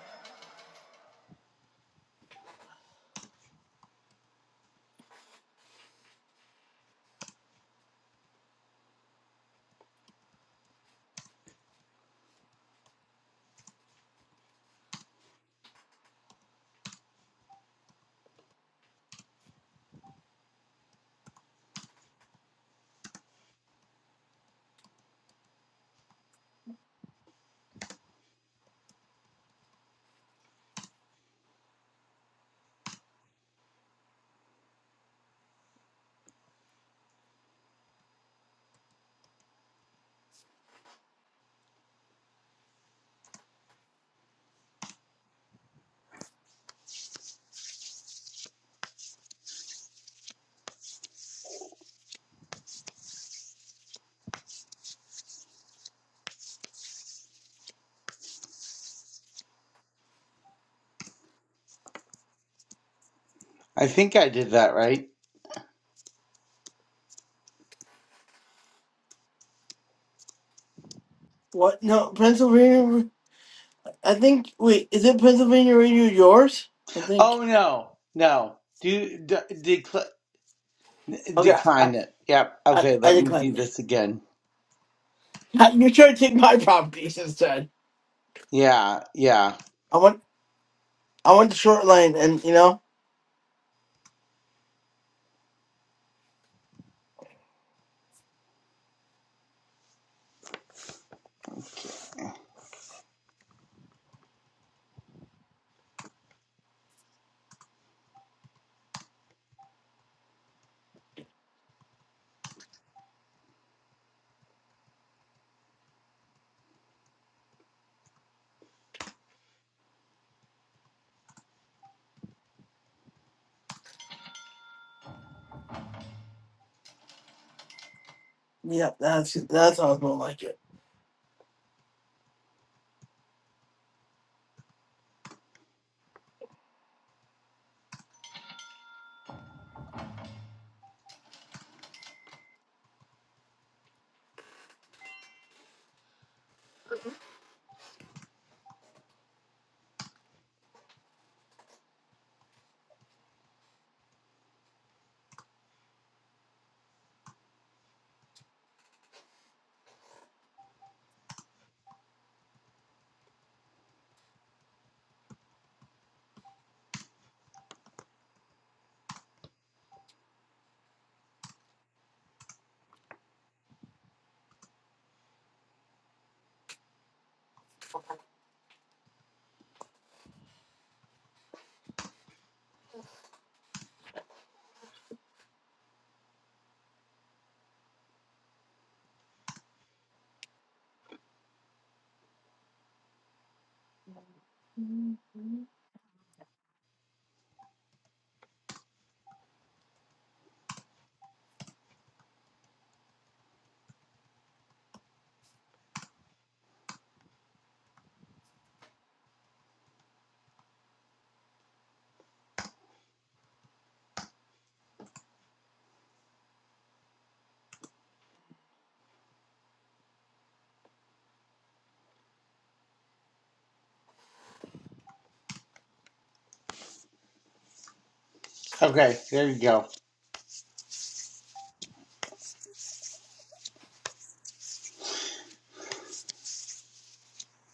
A: I think I did that right.
B: What? No, Pennsylvania. I think. Wait, is it Pennsylvania Radio yours? I think.
A: Oh no no. Do de- decl-
B: Okay, I
A: decline it. Yep.
B: I,
A: Okay.
B: I
A: Let me do
B: declined.
A: this again.
B: Uh, You're trying to take my properties instead.
A: Yeah. Yeah.
B: I want I want the short lane, and you know, yeah, that's that's how i that gonna like it.
A: Okay. There you go.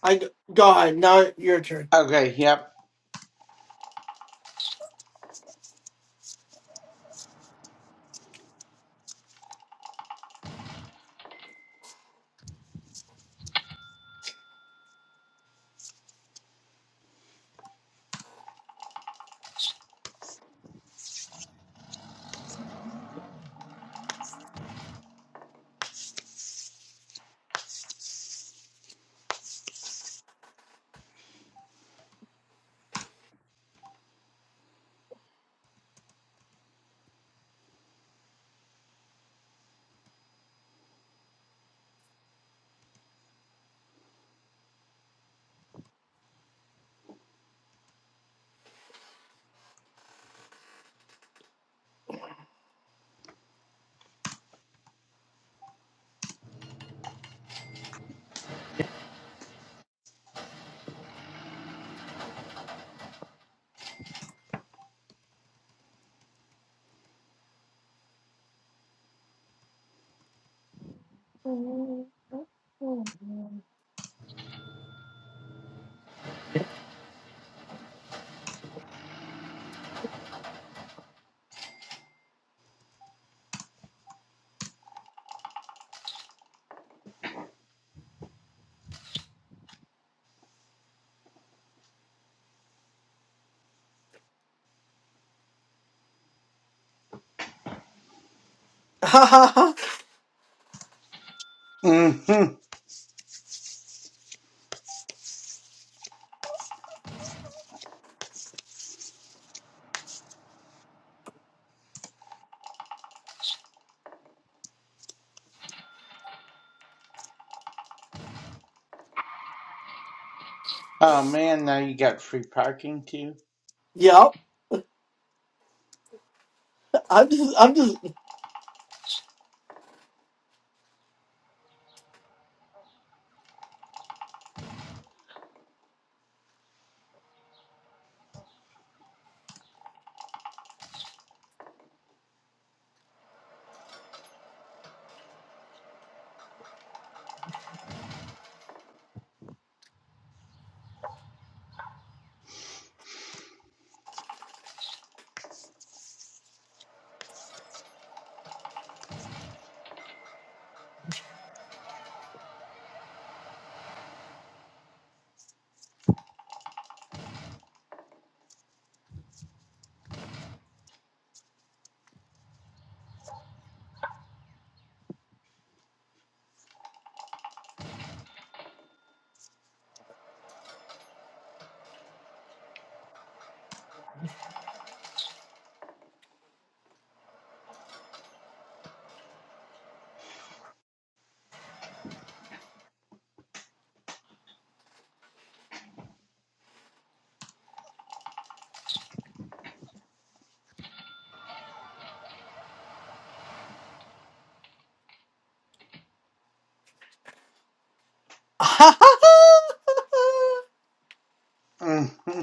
B: I go on. Now your turn.
A: Okay. Yep.
B: Ha ha ha.
A: Mm-hmm. Oh man, now you got free parking too.
B: yep. I'm just. I'm just. Ha ha ha.
A: Mm-hmm.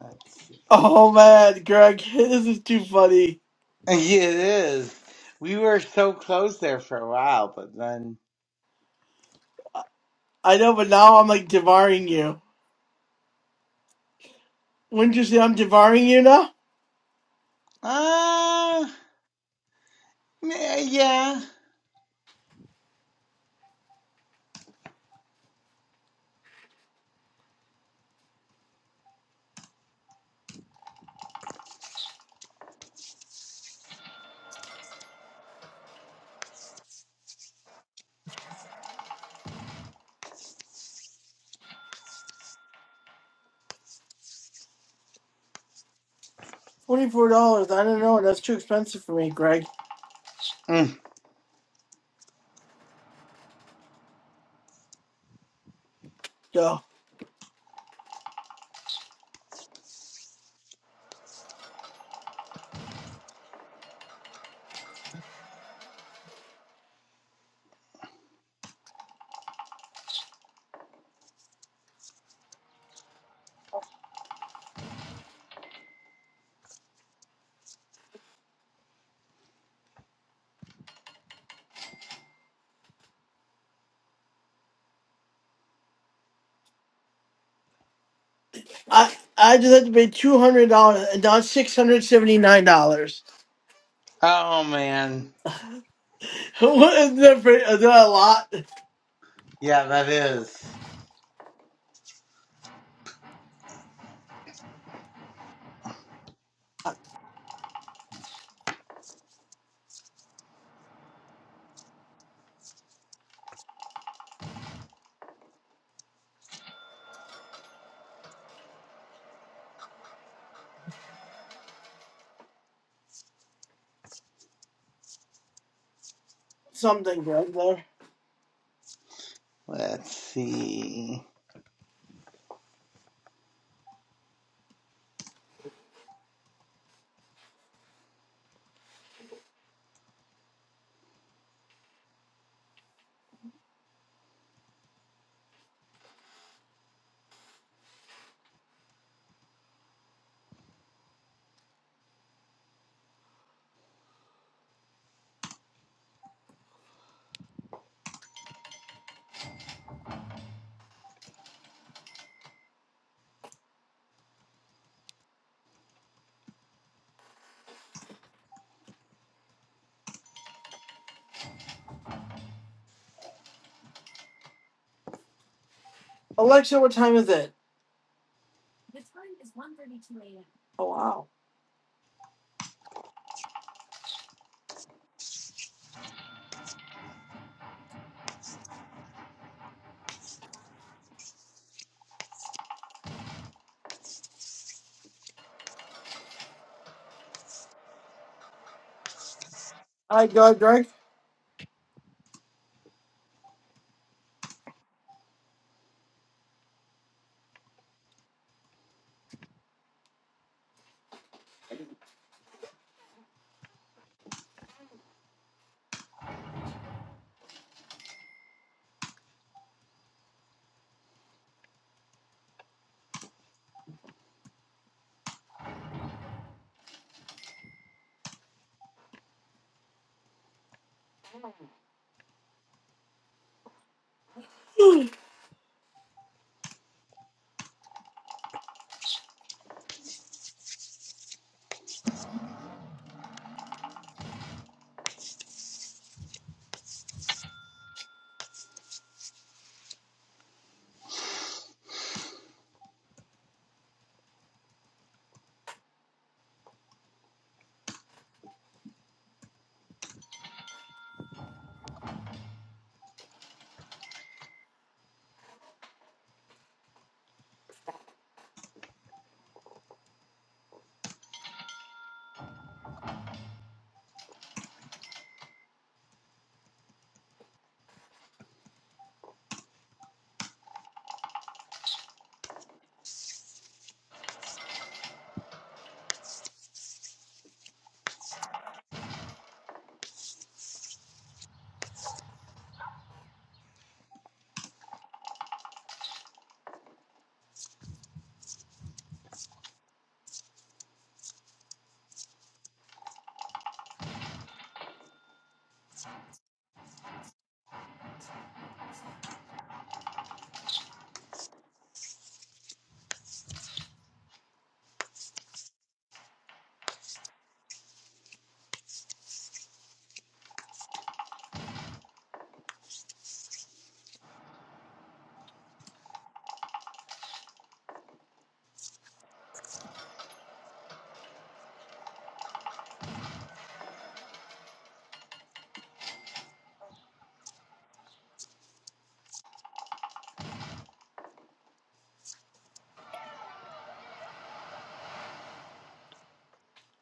A: Let's see.
B: oh man, Greg, this is too funny.
A: Yeah, it is. We were so close there for a while, but then,
B: I I know, but now I'm like devouring you. Wouldn't you say I'm devouring you now?
A: ah, uh, yeah. yeah.
B: Twenty-four dollars. I don't know. That's too expensive for me, Greg.
A: Mm.
B: So I I just had to pay two hundred dollars and now six hundred seventy-nine dollars.
A: Oh man,
B: What is that? for- Is that a lot?
A: yeah, that is.
B: Something, Greg. There.
A: Let's see.
B: Alexa, what time is it? Oh wow! I go, Greg.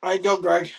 B: I go, Greg.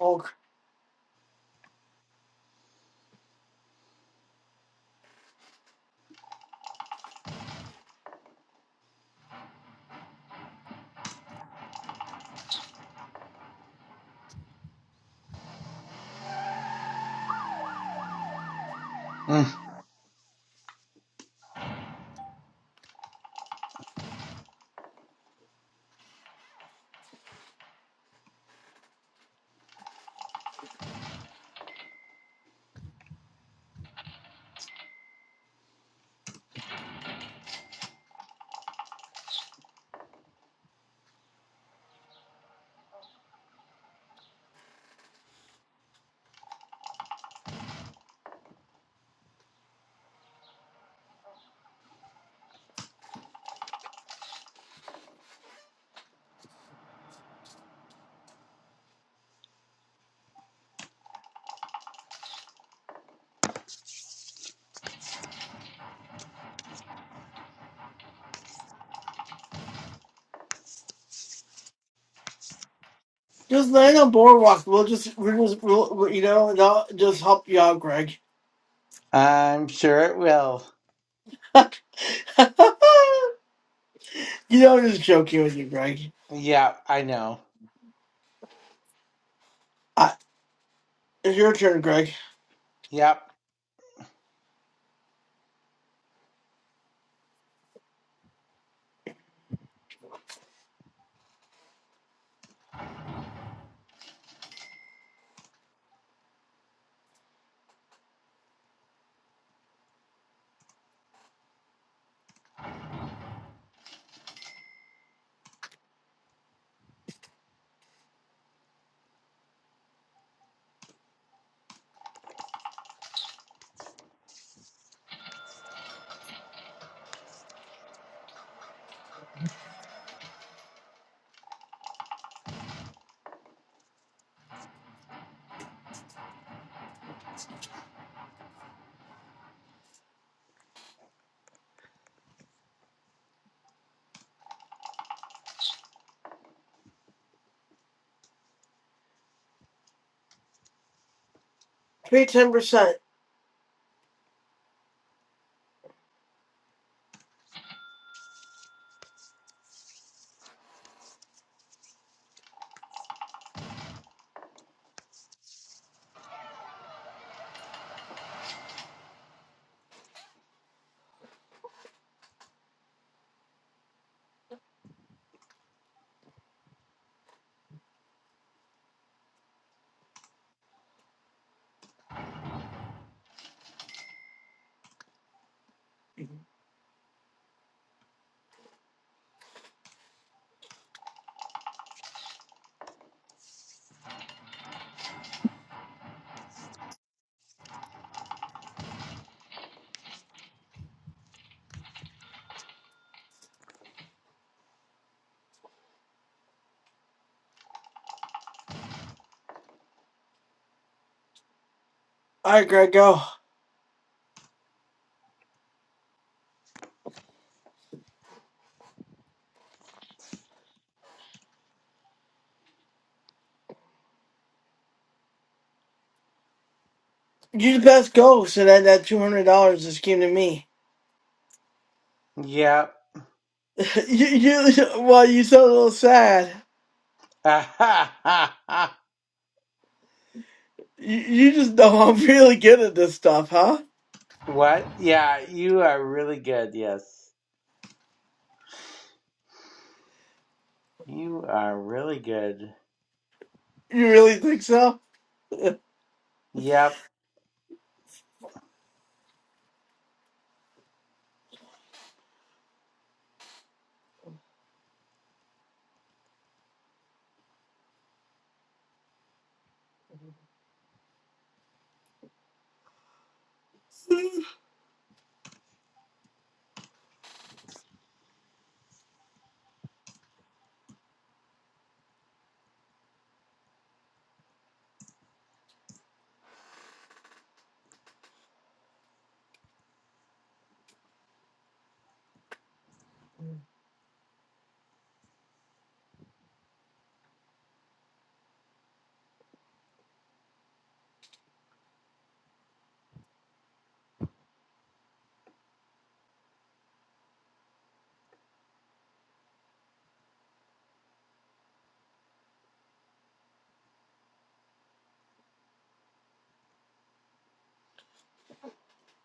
B: Oh,
A: Mm.
B: just land on boardwalk. We'll just, we'll just, we'll, we- you know, and I'll just help you out, Greg.
A: I'm sure it will.
B: you know, I'm just joking with you, Greg.
A: Yeah, I know.
B: Uh, it's your turn, Greg.
A: Yep,
B: Pay ten percent. All right, Greg, go. You the best go, so that that two hundred dollars just came to me.
A: yep.
B: you, you, well, you sound a little sad.
A: Ah, ha, ha, ha.
B: You, you just know I'm really good at this stuff, huh?
A: What? Yeah, you are really good. Yes, you are really good.
B: You really think so?
A: Yep.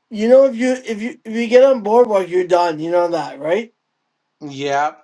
B: You know, if you if you if you get on boardwalk, you're done. You know that, right?
A: Yep.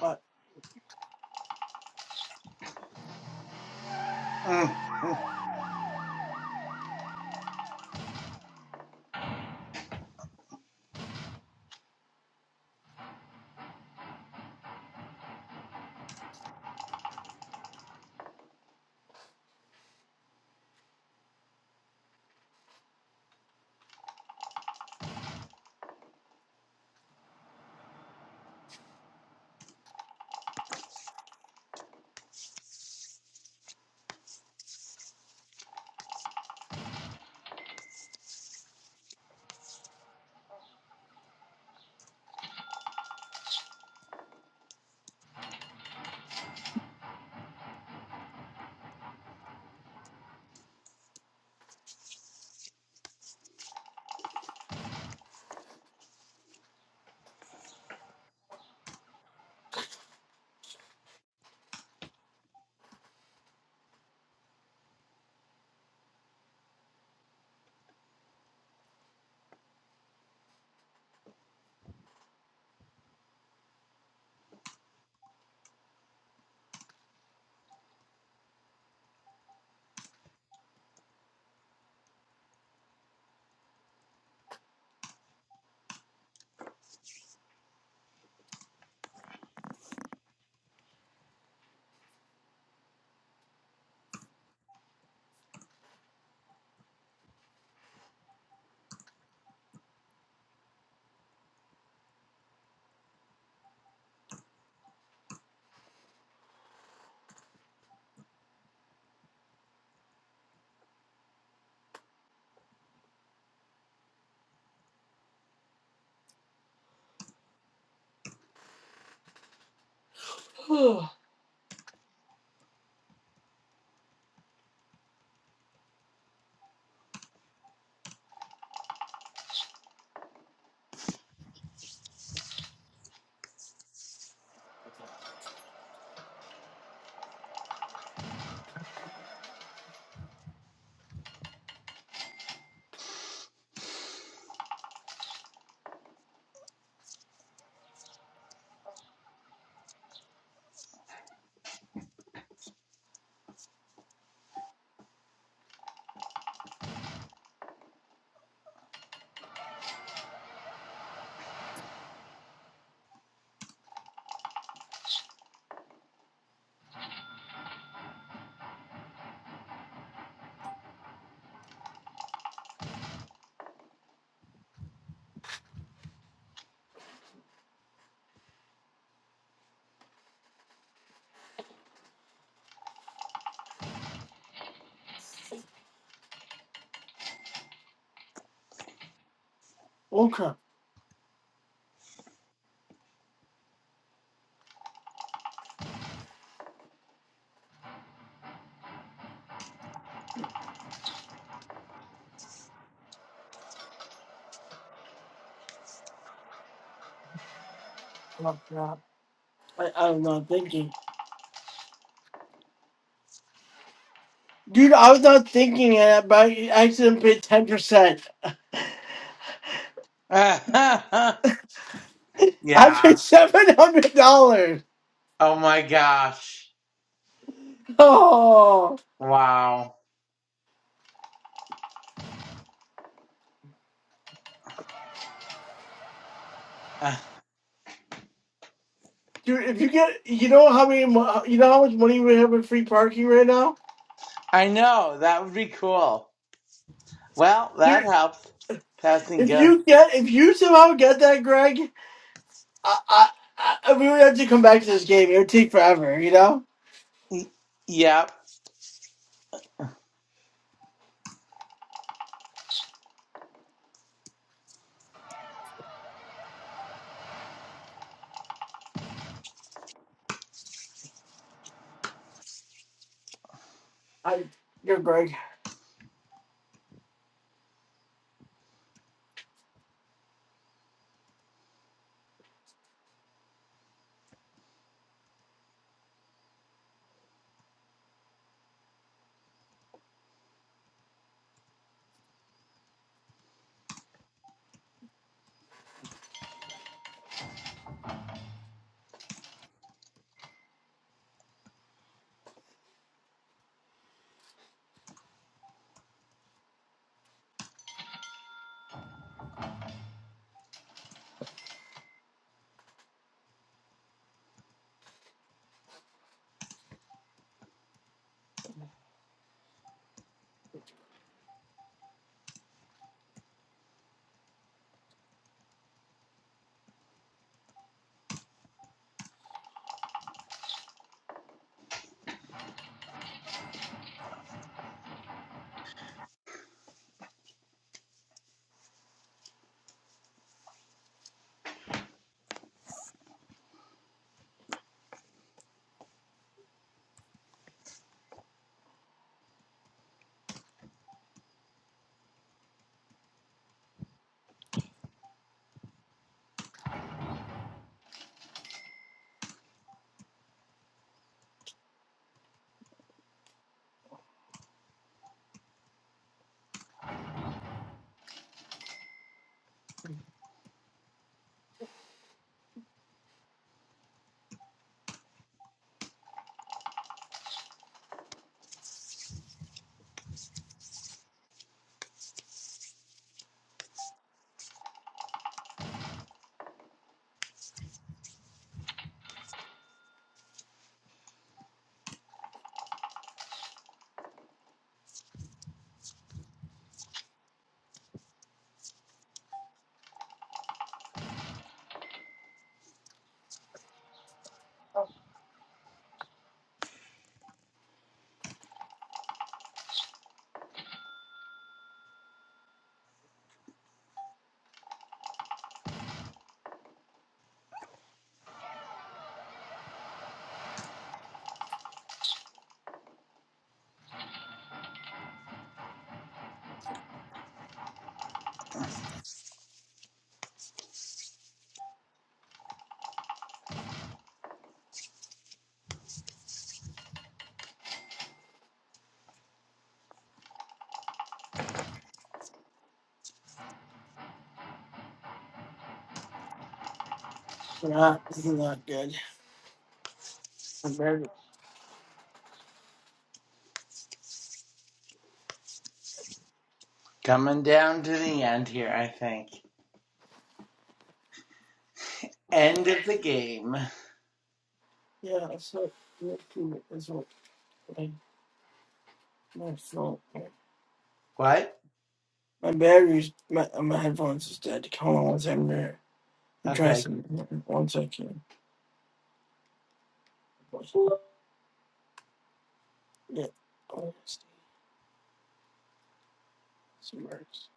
B: But
A: Mm,
B: oh Oh, crap. I, I was not thinking, dude. I was not thinking it, but I accidentally paid ten percent. I
A: yeah.
B: paid seven hundred dollars.
A: Oh my gosh.
B: Oh,
A: Wow. Uh,
B: dude! If you get, you know how many, mo- you know how much money we have in free parking right now,
A: I know. That would be cool. Well, that
B: dude.
A: helps. Passing
B: If
A: go.
B: you get, if you somehow get that, Greg, I, I, I we would have to come back to this game. It would take forever, you know.
A: Y- Yep.
B: I, you're Greg. Nah, this is not good. I'm very
A: Coming down to the end here, I think. End of the game.
B: yeah. So yeah, cool, that's what my my phone.
A: What?
B: My batteries, my uh, my headphones is dead. Hold on one second. Here. I'm trying
A: Okay.
B: some one second. Yeah. Oh, it's- it's worse.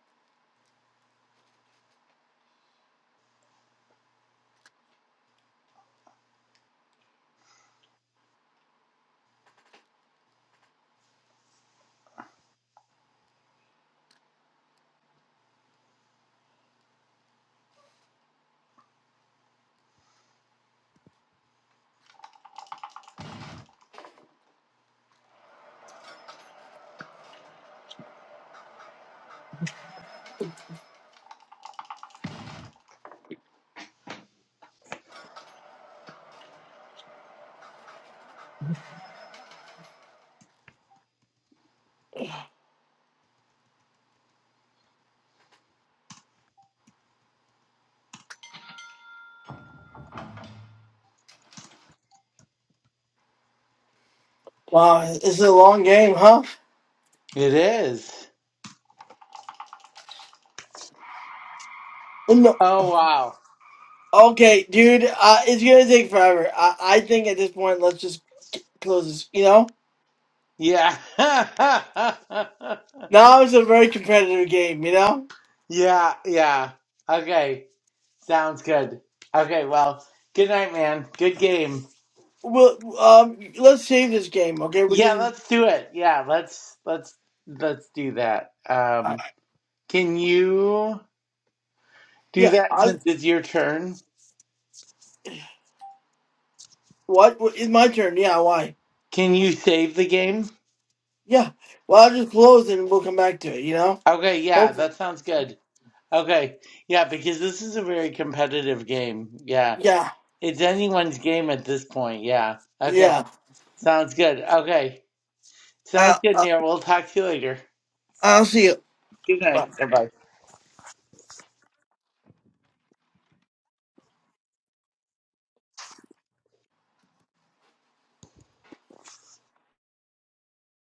B: Wow, it's a long game, huh?
A: It is.
B: No,
A: Oh, wow.
B: okay, dude. Uh, it's gonna take forever. I I think at this point, let's just c- close this. You know,
A: Yeah.
B: now it's a very competitive game. You know,
A: yeah. Yeah. Okay. Sounds good. Okay, well, good night, man. Good game.
B: well, um, let's save this game. Okay, we
A: Yeah,
B: can.
A: let's do it. Yeah, let's let's let's do that. Um, can you do
B: Yeah,
A: that
B: I
A: since it's your turn?
B: what it's my turn. Yeah, why?
A: Can you save the game?
B: Yeah. Well, I'll just close and we'll come back to it. You know.
A: Okay, yeah,
B: Hopefully.
A: that sounds good. Okay, yeah, because this is a very competitive game. Yeah,
B: Yeah.
A: it's anyone's game at this point. Yeah. Okay,
B: Yeah.
A: sounds good. Okay,
B: I
A: sounds good,
B: I'll,
A: Neil. We'll talk to you later.
B: I'll see you.
A: Good
B: Bye.
A: night. Bye bye.